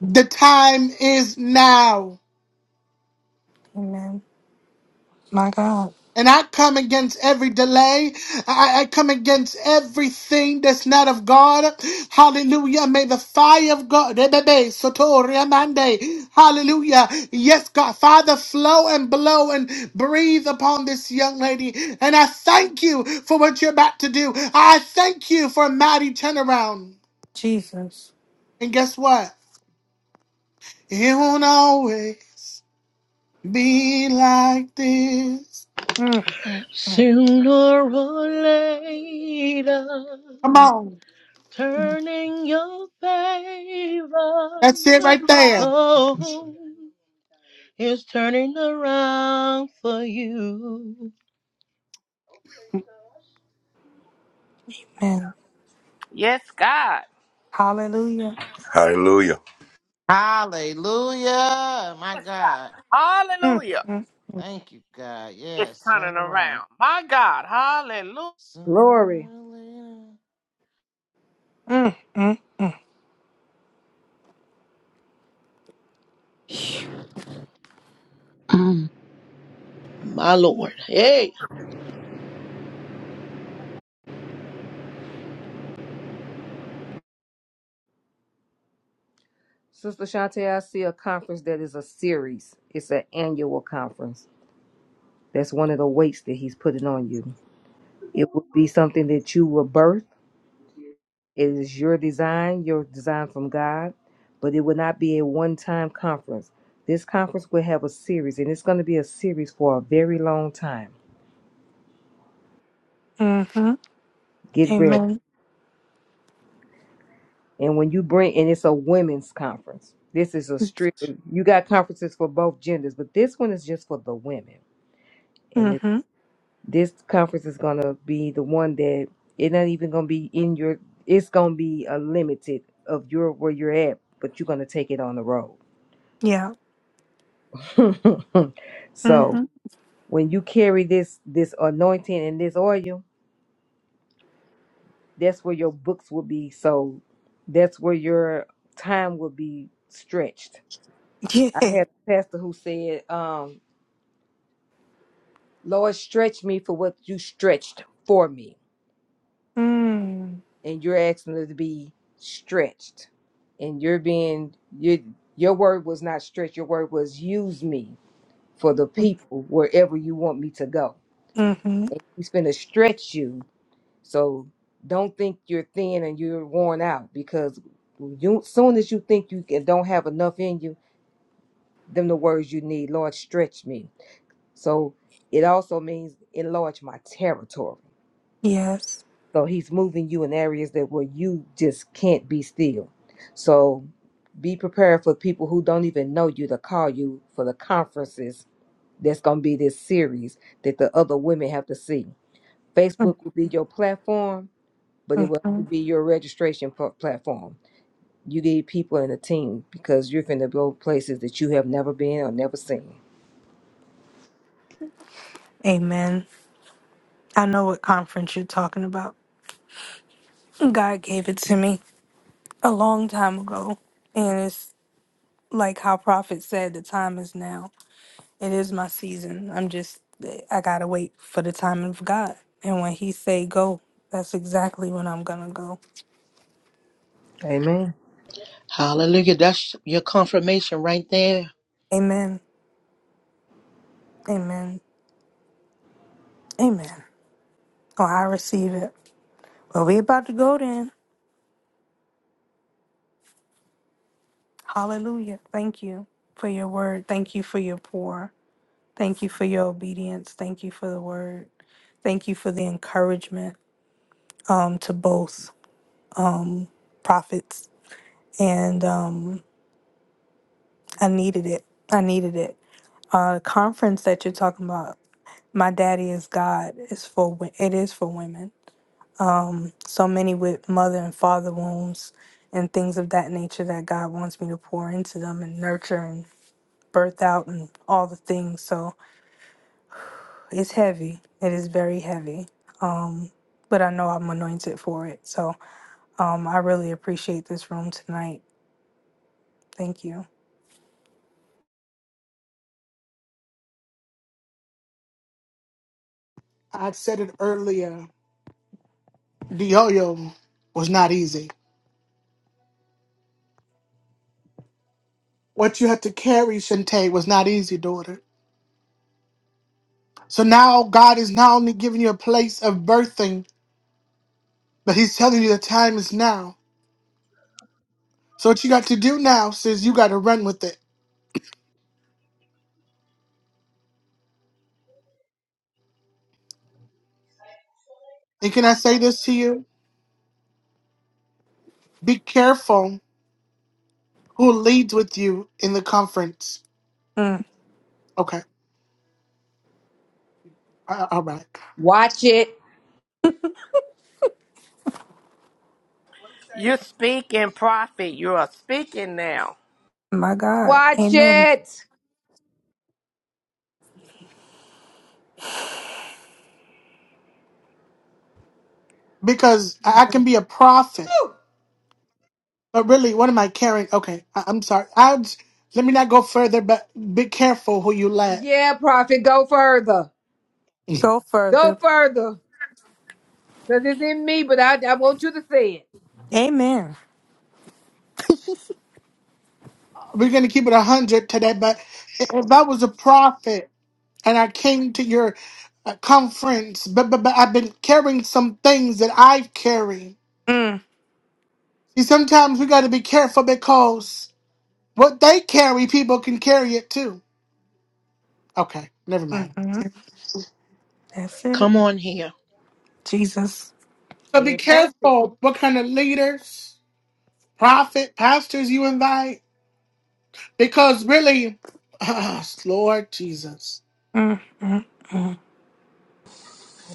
[SPEAKER 1] The time is now.
[SPEAKER 7] Amen. My God,
[SPEAKER 1] And I come against every delay. I, I come against everything that's not of God. Hallelujah. May the fire of God. Rebebe, Sotoria Mande. Hallelujah. Yes, God. Father, flow and blow and breathe upon this young lady. And I thank you for what you're about to do. I thank you for a mighty turnaround.
[SPEAKER 7] Jesus.
[SPEAKER 1] And guess what? It won't always be like this.
[SPEAKER 7] Mm, mm, mm.
[SPEAKER 2] Sooner or later,
[SPEAKER 1] Come on.
[SPEAKER 2] turning your favor,
[SPEAKER 1] That's it right there.
[SPEAKER 2] oh, is turning around for you.
[SPEAKER 7] Amen.
[SPEAKER 6] Yes, God.
[SPEAKER 7] Hallelujah.
[SPEAKER 5] Hallelujah.
[SPEAKER 9] Hallelujah. My
[SPEAKER 6] Yes,
[SPEAKER 9] God.
[SPEAKER 6] God.
[SPEAKER 7] Mm,
[SPEAKER 6] Hallelujah.
[SPEAKER 7] mm,
[SPEAKER 9] Thank you, God.
[SPEAKER 6] It's
[SPEAKER 9] Yes, turn
[SPEAKER 6] turning
[SPEAKER 9] around.
[SPEAKER 6] around. My God. Hallelujah.
[SPEAKER 4] glory
[SPEAKER 9] Sooner or later.
[SPEAKER 7] mm, mm, mm.
[SPEAKER 10] Um,
[SPEAKER 2] My Lord. Hey.
[SPEAKER 4] sister shantae i see a conference that is a series it's an annual conference That's one of the weights that he's putting on you. It would be something that you were birthed.
[SPEAKER 11] his
[SPEAKER 4] It is your design, your design from God, but it would not be a one time conference. This conference will have a series, and it's going to be a series for a very long time.
[SPEAKER 7] Mm-hmm.
[SPEAKER 4] Get ready.
[SPEAKER 7] Amen.
[SPEAKER 4] And when you bring, and it's a women's conference. This is a strict, you got conferences for both genders, but this one is just for the women and
[SPEAKER 7] Mm-hmm.
[SPEAKER 4] This conference is gonna be the one that it's not even gonna be in your. It's gonna be a limited of your where you're at, but you're gonna take it on the road.
[SPEAKER 7] Yeah.
[SPEAKER 4] so
[SPEAKER 7] Mm-hmm.
[SPEAKER 4] when you carry this this anointing and this oil, that's where your books will be sold. That's where your time will be stretched.
[SPEAKER 7] Yeah.
[SPEAKER 4] I had a pastor who said, um, "Lord, stretch me for what you stretched for me."
[SPEAKER 7] Mm.
[SPEAKER 4] and you're asking us to be stretched and you're being your your word was not stretched your word was use me for the people wherever you want me to go
[SPEAKER 7] Mm-hmm.
[SPEAKER 4] and he's going to stretch you so don't think you're thin and you're worn out because you soon as you think you can, don't have enough in you them the words you need lord stretch me so it also means enlarge my territory
[SPEAKER 7] Yes.
[SPEAKER 4] So he's moving you in areas that where you just can't be still. So be prepared for people who don't even know you to call you for the conferences that's going to be this series that the other women have to see. Facebook will be your platform, but it will
[SPEAKER 7] Mm-hmm.
[SPEAKER 4] only be your registration pl- platform. You need people in the team because you're going to go places that you have never been or never seen.
[SPEAKER 7] Amen. I know what conference you're talking about. God gave it to me. a long time ago. And it's like how Prophet said, the time is now. It is my season. I'm just, I gotta wait for the timing of God. And when He say go, that's exactly when I'm gonna go.
[SPEAKER 4] Amen.
[SPEAKER 2] Hallelujah. That's your confirmation right there.
[SPEAKER 7] Amen. Amen. Amen. Oh, I receive it. Well, we about to go then. Hallelujah. Thank you for your word. Thank you for your pour. Thank you for your obedience. Thank you for the word. Thank you for the encouragement um, to both prophets and um, I needed it. I needed it. Uh, conference that you're talking about. My daddy is God. Is for wo- it is for women. Um, so many with mother and father wounds and things of that nature that God wants me to pour into them and nurture and birth out and all the things. So it's heavy. It is very heavy. But I know I'm anointed for it. So um, I really appreciate this room tonight. Thank you.
[SPEAKER 1] I said it earlier. The yo yo was not easy. What you had to carry, Shantae, was not easy, daughter. So now God is not only giving you a place of birthing, but He's telling you the time is now. So what you got to do now sis, you got to run with it. And can I say this to you? Be careful who leads with you in the conference.
[SPEAKER 7] Mm,
[SPEAKER 1] Okay. Uh, All right.
[SPEAKER 4] Watch it.
[SPEAKER 6] You're speaking, prophet. You are speaking now.
[SPEAKER 7] my God.
[SPEAKER 4] Watch
[SPEAKER 7] Amen.
[SPEAKER 4] it.
[SPEAKER 1] because I I can be a prophet,
[SPEAKER 4] Woo!
[SPEAKER 1] but really, what am I carrying? Okay, I, I'm sorry. I'll j- let me not go further, but be careful who you let.
[SPEAKER 4] Yeah, prophet, go further.
[SPEAKER 7] Go
[SPEAKER 4] Go
[SPEAKER 7] further.
[SPEAKER 4] further. Because it's in me, but I, I want you to say it.
[SPEAKER 7] Amen.
[SPEAKER 1] We're gonna keep it a hundred today, but i- if I was a prophet and I came to your uh, conference, but, but but I've been carrying some things that I've carried.
[SPEAKER 7] Mm.
[SPEAKER 1] See, sometimes we got to be careful because what they carry, people can carry it too. Okay, never mind.
[SPEAKER 7] Hmm. That's it.
[SPEAKER 2] Come on here.
[SPEAKER 7] Jesus.
[SPEAKER 1] So be
[SPEAKER 4] Being tainted.
[SPEAKER 1] careful what kind of leaders, prophet, pastors you invite Because really, ah, Lord Jesus,
[SPEAKER 7] Mm, mm, mm.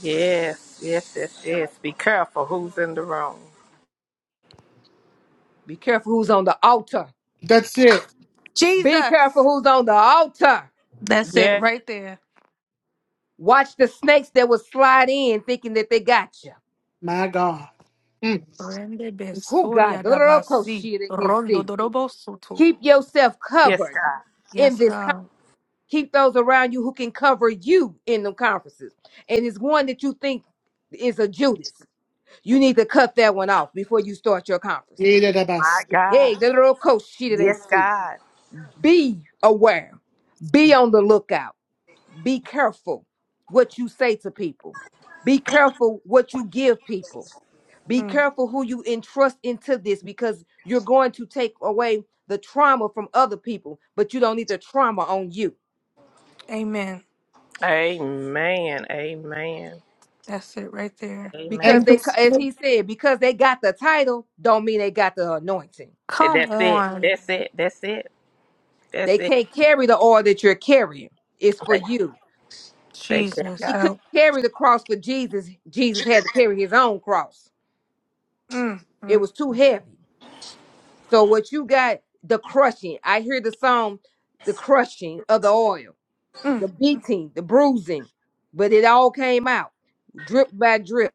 [SPEAKER 6] Yes, yes, yes, yes. Be careful who's in the room.
[SPEAKER 4] Be careful who's on the altar.
[SPEAKER 1] that's it.
[SPEAKER 4] Be careful
[SPEAKER 7] Jesus.
[SPEAKER 4] who's on the altar.
[SPEAKER 7] That's it
[SPEAKER 6] Yes.
[SPEAKER 7] right there.
[SPEAKER 4] Watch the snakes that will slide in thinking that they got you.
[SPEAKER 1] My God. Mm.
[SPEAKER 7] Rende
[SPEAKER 4] Who
[SPEAKER 7] besoria
[SPEAKER 4] got
[SPEAKER 7] da
[SPEAKER 4] little close
[SPEAKER 7] basi.
[SPEAKER 4] shit they can
[SPEAKER 7] Rondo
[SPEAKER 4] see?
[SPEAKER 7] dorobo soto.
[SPEAKER 4] Keep yourself
[SPEAKER 6] Yes, God.
[SPEAKER 4] covered in
[SPEAKER 7] Yes,
[SPEAKER 4] this. Con-
[SPEAKER 7] God.
[SPEAKER 4] Keep those around you who can cover you in them conferences. And it's one that you think is a Judas. You need to cut that one off before you start your conferences.
[SPEAKER 1] Needed of
[SPEAKER 6] My
[SPEAKER 1] us.
[SPEAKER 6] God.
[SPEAKER 4] Hey, the little coach shit they
[SPEAKER 6] Yes,
[SPEAKER 4] see.
[SPEAKER 6] God.
[SPEAKER 4] Be aware. Be on the lookout. Be careful what you say to people. Be careful what you give people. Be
[SPEAKER 7] Mm.
[SPEAKER 4] careful who you entrust into this because you're going to take away the trauma from other people, but you don't need the trauma on you.
[SPEAKER 7] Amen.
[SPEAKER 6] Amen. Amen.
[SPEAKER 7] That's it right there.
[SPEAKER 6] Amen.
[SPEAKER 4] Because
[SPEAKER 1] And
[SPEAKER 4] they,
[SPEAKER 1] just
[SPEAKER 4] as he said, because they got the title, don't mean they got the anointing.
[SPEAKER 7] Come
[SPEAKER 6] That's it.
[SPEAKER 7] on.
[SPEAKER 6] That's it. That's it.
[SPEAKER 4] They
[SPEAKER 6] That's it.
[SPEAKER 4] can't carry the oil that you're carrying. It's for
[SPEAKER 6] Thank,
[SPEAKER 4] you.
[SPEAKER 6] thank you,
[SPEAKER 7] Jesus,
[SPEAKER 4] He
[SPEAKER 6] God.
[SPEAKER 4] couldn't
[SPEAKER 7] help.
[SPEAKER 4] carry the cross for Jesus. Jesus had to carry his own cross.
[SPEAKER 7] Mm,
[SPEAKER 4] It
[SPEAKER 7] mm,
[SPEAKER 4] was too heavy. So what you got, the crushing. I hear the song, the crushing of the oil,
[SPEAKER 7] mm.
[SPEAKER 4] the beating, the bruising, but it all came out drip by drip.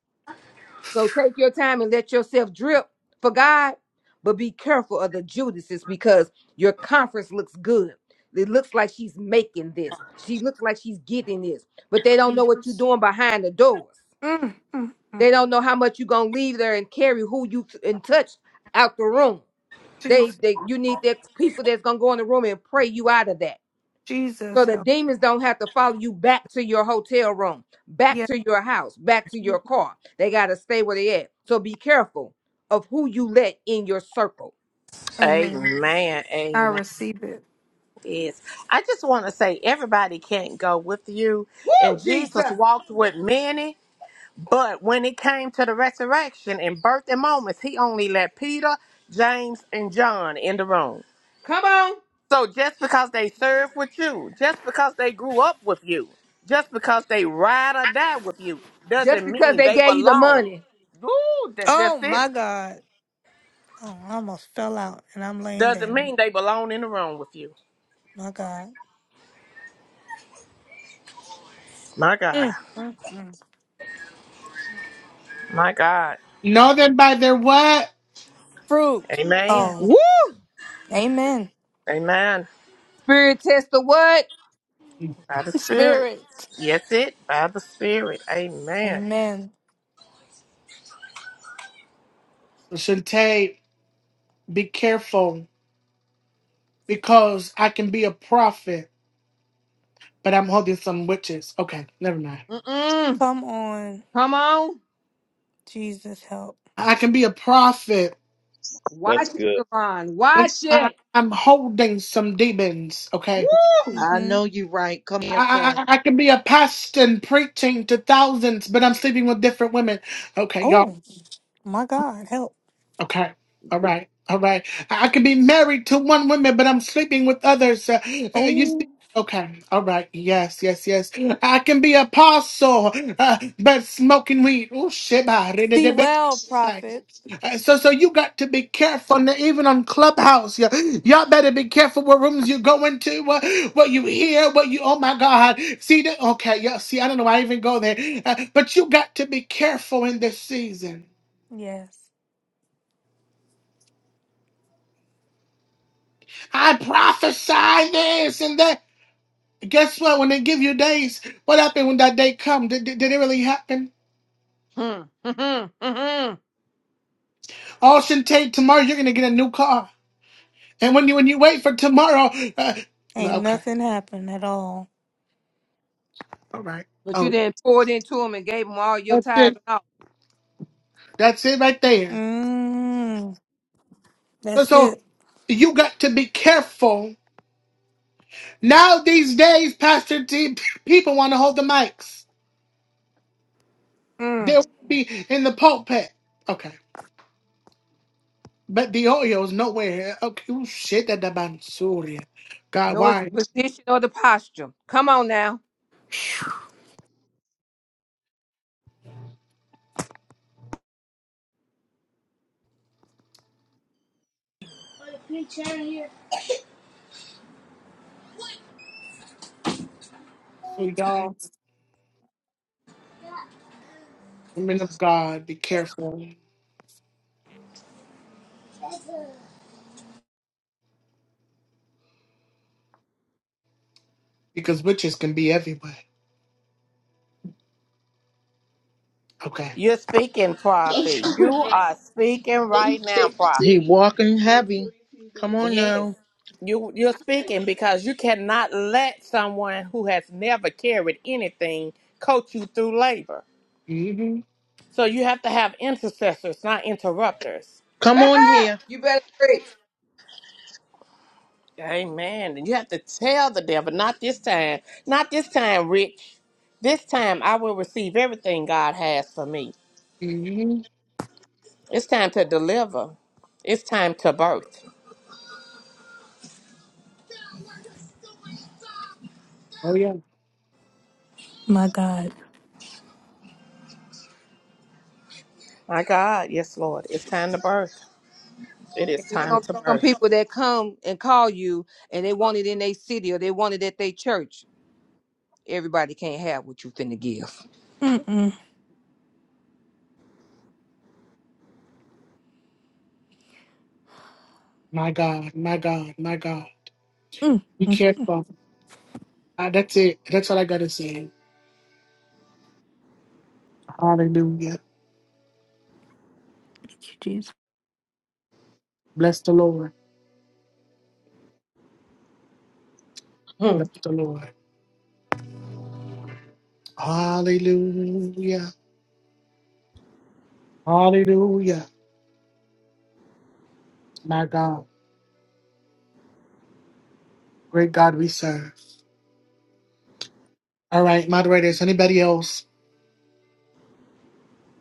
[SPEAKER 4] So take your time and let yourself drip for God, but be careful of the Judases because your conference looks good. It looks like she's making this. She looks like she's getting this, but they don't know what you're
[SPEAKER 7] Jesus.
[SPEAKER 4] doing behind the doors.
[SPEAKER 7] Mm, mm, mm.
[SPEAKER 4] They don't know how much you're gonna leave there and carry who you t- and touch out the room. They
[SPEAKER 7] Jesus.
[SPEAKER 4] they you need that people that's gonna go in the room and pray you out of that. So
[SPEAKER 7] Jesus,
[SPEAKER 4] the
[SPEAKER 7] help.
[SPEAKER 4] demons don't have to follow you back to your hotel room, back
[SPEAKER 7] Yeah.
[SPEAKER 4] to your house, back to
[SPEAKER 7] yeah.
[SPEAKER 4] your car. They gotta stay where they at. So be careful of who you let in your circle.
[SPEAKER 7] Amen.
[SPEAKER 6] Amen.
[SPEAKER 7] I
[SPEAKER 6] Amen.
[SPEAKER 7] receive it.
[SPEAKER 6] Yes. I just want to say everybody can't go with you.
[SPEAKER 4] Woo,
[SPEAKER 6] And
[SPEAKER 4] Jesus!
[SPEAKER 6] Jesus walked with many, but when it came to the resurrection and birthday moments, he only let Peter, James, and John in the room.
[SPEAKER 4] Come on.
[SPEAKER 6] So just because they served with you, just because they grew up with you, just because they ride or die with you,
[SPEAKER 4] Just
[SPEAKER 6] doesn't
[SPEAKER 4] because
[SPEAKER 6] mean
[SPEAKER 4] they
[SPEAKER 6] they
[SPEAKER 4] gave you the
[SPEAKER 6] belong.
[SPEAKER 4] money.
[SPEAKER 6] Ooh, that, that's
[SPEAKER 7] Oh,
[SPEAKER 6] it.
[SPEAKER 7] my God. Oh, I almost fell out and I'm laying
[SPEAKER 6] Doesn't
[SPEAKER 7] down.
[SPEAKER 6] mean they belong in the room with you.
[SPEAKER 7] My God.
[SPEAKER 6] My God.
[SPEAKER 7] Mm, mm, mm.
[SPEAKER 6] My God.
[SPEAKER 1] know them by their what?
[SPEAKER 7] Fruit.
[SPEAKER 6] Amen.
[SPEAKER 7] Oh,
[SPEAKER 4] Woo!
[SPEAKER 7] amen.
[SPEAKER 6] Amen.
[SPEAKER 4] Spirit test the what?
[SPEAKER 1] So
[SPEAKER 6] By the Spirit.
[SPEAKER 7] Spirit.
[SPEAKER 6] Yes, it. By the Spirit. Amen.
[SPEAKER 7] Amen.
[SPEAKER 1] Shante, be careful because I can be a prophet, but I'm holding some witches. Okay, never mind.
[SPEAKER 4] Mm-mm.
[SPEAKER 7] Come on,
[SPEAKER 4] Come on.
[SPEAKER 7] Jesus, help.
[SPEAKER 1] I can be a prophet,
[SPEAKER 4] Watch it, Devon.
[SPEAKER 1] but
[SPEAKER 4] Watch
[SPEAKER 1] I,
[SPEAKER 4] it.
[SPEAKER 1] I'm holding some demons. Okay,
[SPEAKER 4] Woo!
[SPEAKER 2] I
[SPEAKER 7] hmm
[SPEAKER 2] know you right. Come here, sir.
[SPEAKER 1] I, I, I can be a pastor and preaching to thousands, but I'm sleeping with different women. Okay, y'all.
[SPEAKER 7] Oh, my God, help.
[SPEAKER 1] Okay. All right. All right. I, I could be married to one woman, but I'm sleeping with others. Uh, uh, you see?
[SPEAKER 7] Oh,
[SPEAKER 1] Okay. All right. Yes. Yes. Yes. I can be apostle, uh, but smoking weed. Oh shit! bah, re- de-
[SPEAKER 7] see
[SPEAKER 1] de- be-
[SPEAKER 7] well,
[SPEAKER 1] uh,
[SPEAKER 7] prophet.
[SPEAKER 1] So, so you got to be careful. now, Even on Clubhouse, y- y'all better be careful what rooms you go into, what, what you hear, what you. Oh my God! See that? Okay. Yeah. See, I don't know. why I even go there, uh, but you got to be careful in this season.
[SPEAKER 7] Yes.
[SPEAKER 1] I prophesy this and that. Guess what? When they give you days, what happened when that day come? Did, did, did it really happen?
[SPEAKER 4] Hmm. Hmm. Hmm.
[SPEAKER 1] All should take tomorrow. You're gonna get a new car, and when you when you wait for tomorrow, uh, uh,
[SPEAKER 7] Ain't
[SPEAKER 1] okay,
[SPEAKER 7] nothing happened at all.
[SPEAKER 1] all right,
[SPEAKER 4] But you
[SPEAKER 1] oh,
[SPEAKER 4] didn't pour it into him and gave him all your
[SPEAKER 1] that's
[SPEAKER 4] tithes
[SPEAKER 1] it,
[SPEAKER 4] and all.
[SPEAKER 1] that's it right there.
[SPEAKER 7] Mm,
[SPEAKER 1] So,
[SPEAKER 7] that's
[SPEAKER 1] so
[SPEAKER 7] it.
[SPEAKER 1] you got to be careful now. These days, Pastor T, people want to hold the mics.
[SPEAKER 7] Mm.
[SPEAKER 1] They'll be in the pulpit. Okay, but the oil is nowhere. Okay, Ooh, shit, that the bansuri. God,
[SPEAKER 4] No, it's
[SPEAKER 1] why?
[SPEAKER 4] the position or the posture. Come on now.
[SPEAKER 1] Hey, y'all, women of God, be careful because witches can be everywhere. Okay.
[SPEAKER 6] You're speaking, prophet. You are speaking right now, prophet.
[SPEAKER 2] He walking heavy. Come on
[SPEAKER 6] Yes.
[SPEAKER 2] now.
[SPEAKER 6] You you're speaking because you cannot let someone who has never carried anything coach you through labor.
[SPEAKER 1] hmm
[SPEAKER 6] So you have to have intercessors, not interrupters.
[SPEAKER 2] Come on here.
[SPEAKER 4] you better preach.
[SPEAKER 6] Amen. And you have to tell the devil, not this time, not this time, Rich. This time I will receive everything God has for me.
[SPEAKER 1] hmm
[SPEAKER 6] It's time to deliver. It's time to birth.
[SPEAKER 1] Oh, yeah.
[SPEAKER 7] My God.
[SPEAKER 6] My God, yes, Lord. It's time to birth. It is
[SPEAKER 4] And There's gonna
[SPEAKER 6] time
[SPEAKER 4] be
[SPEAKER 6] to
[SPEAKER 4] some
[SPEAKER 6] birth.
[SPEAKER 4] people that come and call you and they want it in their city or they want it at their church. Everybody can't have what you finna give.
[SPEAKER 7] Mm-mm.
[SPEAKER 1] My God, my God, my God.
[SPEAKER 7] Mm-mm.
[SPEAKER 1] Be
[SPEAKER 7] Thank
[SPEAKER 1] careful. Uh, that's it. That's all I got to say. Hallelujah.
[SPEAKER 7] you, Jesus.
[SPEAKER 1] Bless the Lord. Bless the Lord. Hallelujah. Hallelujah. My God. Great God we serve. All right, moderators, anybody else?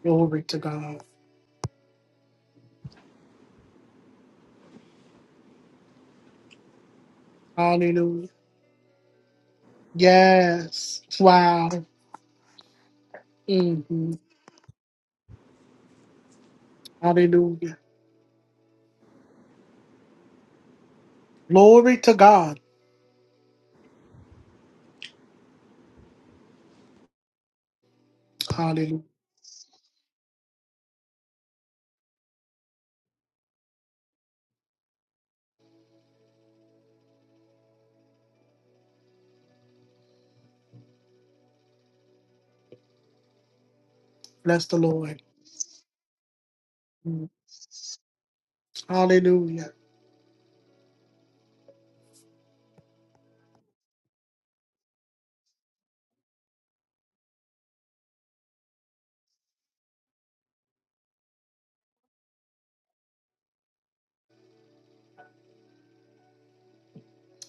[SPEAKER 1] Glory to God. Hallelujah. Yes. Wow. hmm Hallelujah. Glory to God. Hallelujah. Bless the Lord. Mm. Hallelujah.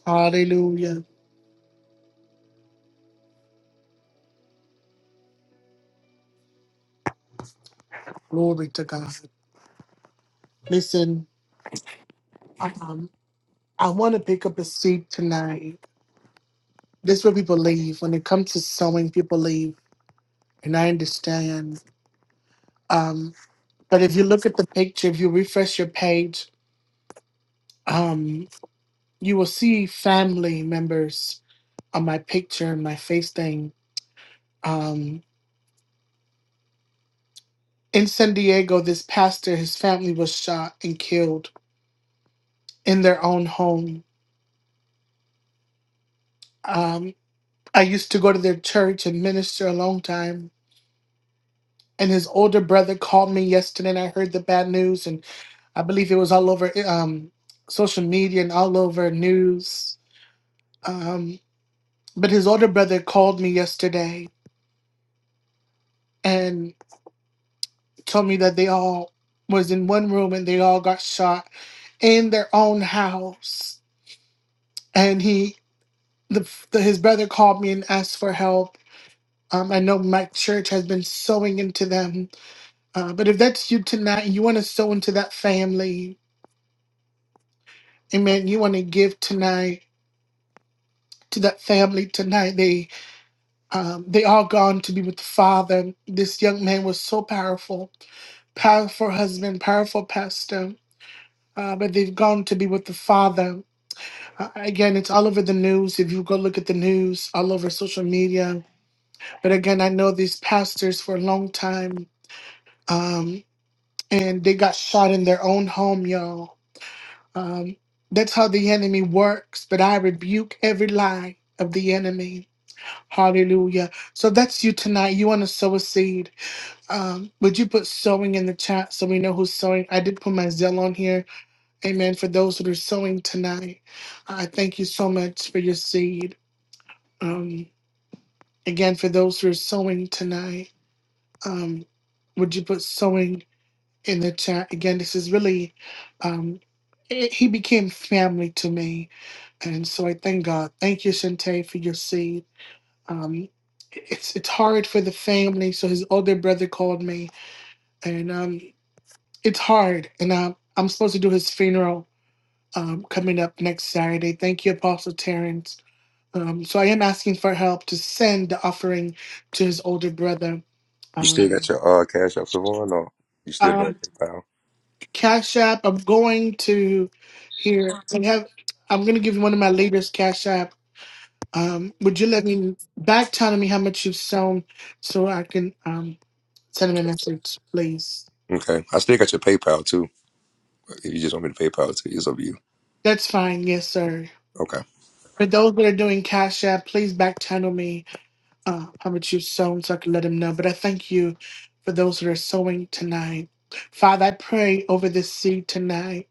[SPEAKER 1] Hallelujah. Glory to God. Listen, um, I want to pick up a seat tonight. This is where people leave. When it comes to sewing, people leave. And I understand. Um, but if you look at the picture, if you refresh your page, um, you will see family members on my picture and my face thing. Um, in San Diego, this pastor, his family was shot and killed in their own home. Um, I used to go to their church and minister a long time. And his older brother called me yesterday, and I heard the bad news, and I believe it was all over um, social media and all over news. Um, but his older brother called me yesterday and told me that they all was in one room and they all got shot in their own house. And he, the, the his brother called me and asked for help Um, I know my church has been sowing into them. Uh, but if that's you tonight, you want to sow into that family. Amen. You want to give tonight to that family tonight. They um, they all gone to be with the Father. This young man was so powerful, powerful husband, powerful pastor. Uh, but they've gone to be with the Father. Uh, again, it's all over the news. If you go look at the news, all over social media. But again, I know these pastors for a long time. Um, and they got shot in their own home, y'all. Um, that's how the enemy works, but I rebuke every lie of the enemy. Hallelujah. So that's you tonight. You want to sow a seed. Um, would you put sowing in the chat so we know who's sowing? I did put my Zell on here. Amen. For those that are sowing tonight, I thank you so much for your seed. Um, again, for those who are sowing tonight, um, would you put sowing? in the chat. Again, this is really, um, it, he became family to me. And so I thank God. Thank you, Shante, for your seed. Um, it's it's hard for the family. So his older brother called me, and um, it's hard. And um, I'm supposed to do his funeral um, coming up next Saturday. Thank you, Apostle Terrence. Um, so I am asking for help to send the offering to his older brother.
[SPEAKER 5] You
[SPEAKER 1] Um,
[SPEAKER 5] still got your uh, Cash App Savon, or you still doing PayPal?
[SPEAKER 1] Cash App. I'm going to here. I have. I'm going to give you one of my leaders Cash App. Um, would you let me back telling me how much you've sown so I can um send him a message, please?
[SPEAKER 5] Okay, I still got your PayPal too. If you just want me to PayPal too, it's up to you.
[SPEAKER 1] That's fine. Yes, sir.
[SPEAKER 5] Okay.
[SPEAKER 1] For those that are doing Cash App, please back channel me uh, how much you've sown so I can let him know. But I thank you for those that are sowing tonight. Father, I pray over this seed tonight.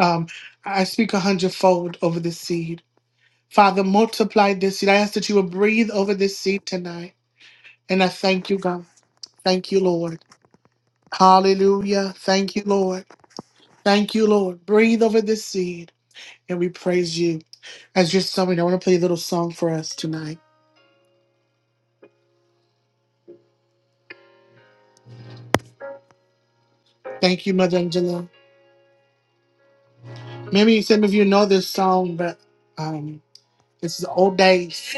[SPEAKER 1] Um, I speak a hundredfold over this seed. Father, multiply this seed. I ask that you will breathe over this seed tonight. And I thank you, God. Thank you, Lord. Hallelujah. Thank you, Lord. Thank you, Lord. Breathe over this seed. And we praise you. As you're sowing, I want to play a little song for us tonight. Thank you, Mother Angela. Maybe some of you know this song, but um, this is old days.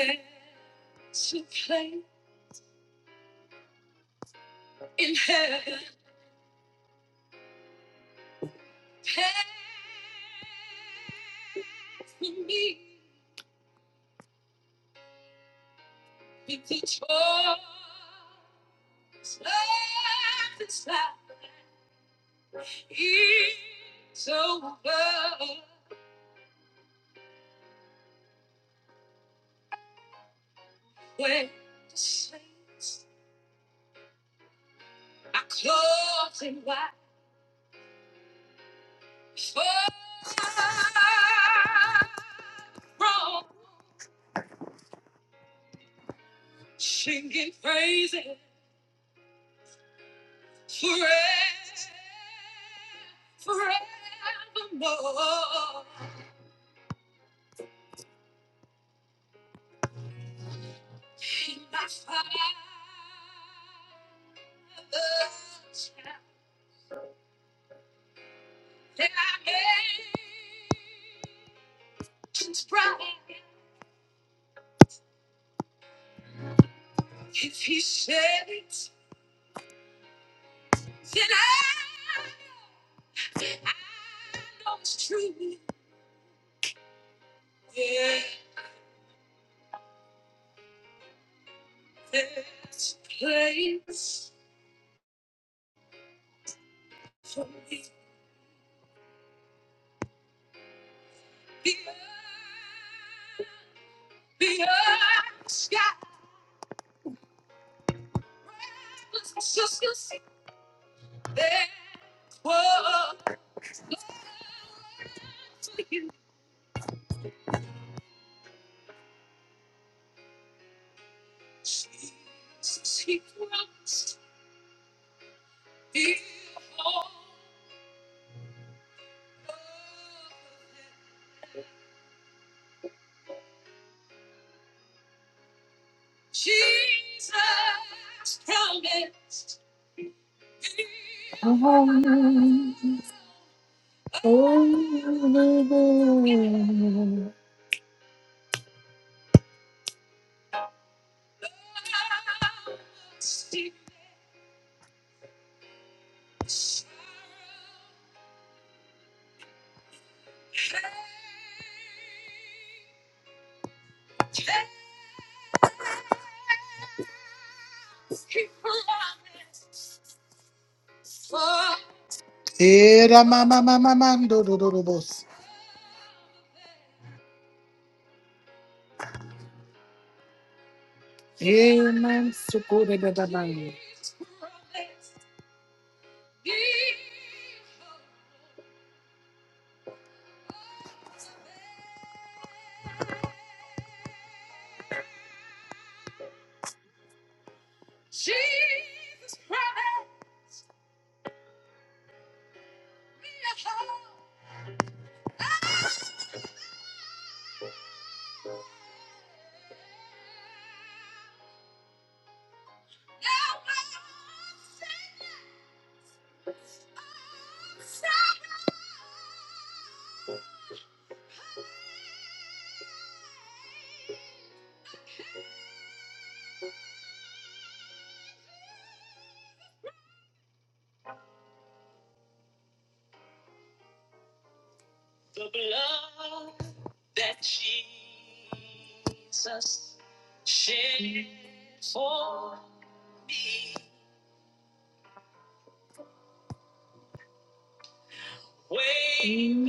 [SPEAKER 1] Era ma- ma- ma- ma- ma- do- do- do- do- bos. Amen. Sukure da- da- da- man.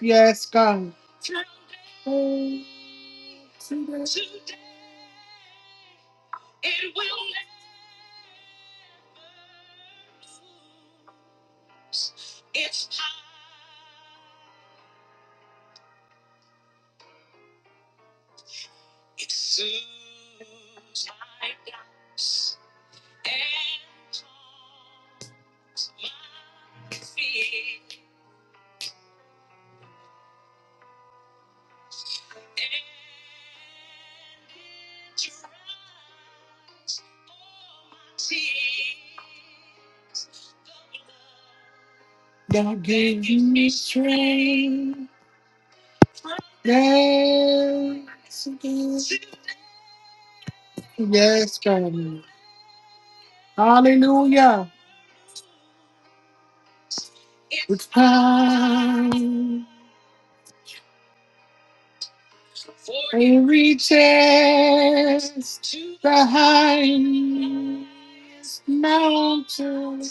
[SPEAKER 1] Yes, God. Thou gave me strength. Yes, yes, God. Hallelujah. It's time. And reaches the highest mountain.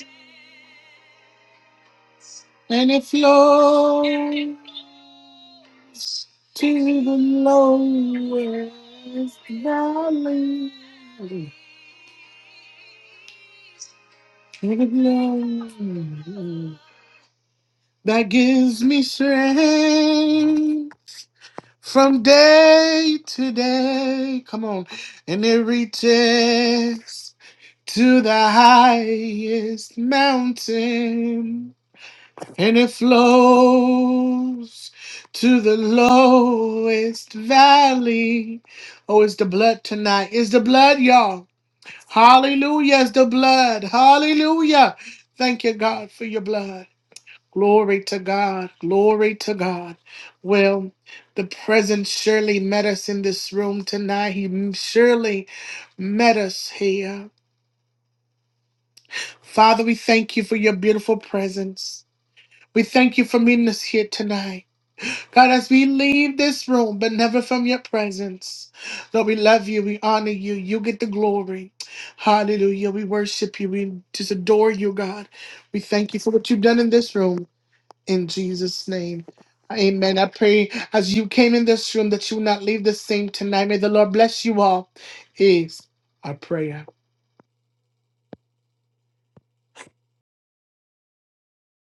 [SPEAKER 1] And it flows. To the lowest valley. That gives me strength from day to day. Come on. And it reaches to the highest mountain. And it flows to the lowest valley. Oh, it's the blood tonight. It's the blood, y'all. Hallelujah is the blood. Hallelujah. Thank you, God, for your blood. Glory to God. Glory to God. Well, the presence surely met us in this room tonight. He surely met us here. Father, we thank you for your beautiful presence. We thank you for meeting us here tonight. God, as we leave this room, but never from your presence. Lord, we love you. We honor you. You get the glory. Hallelujah. We worship you. We just adore you, God. We thank you for what you've done in this room. In Jesus' name. Amen. I pray as you came in this room that you will not leave the same tonight. May the Lord bless you all. Is our prayer.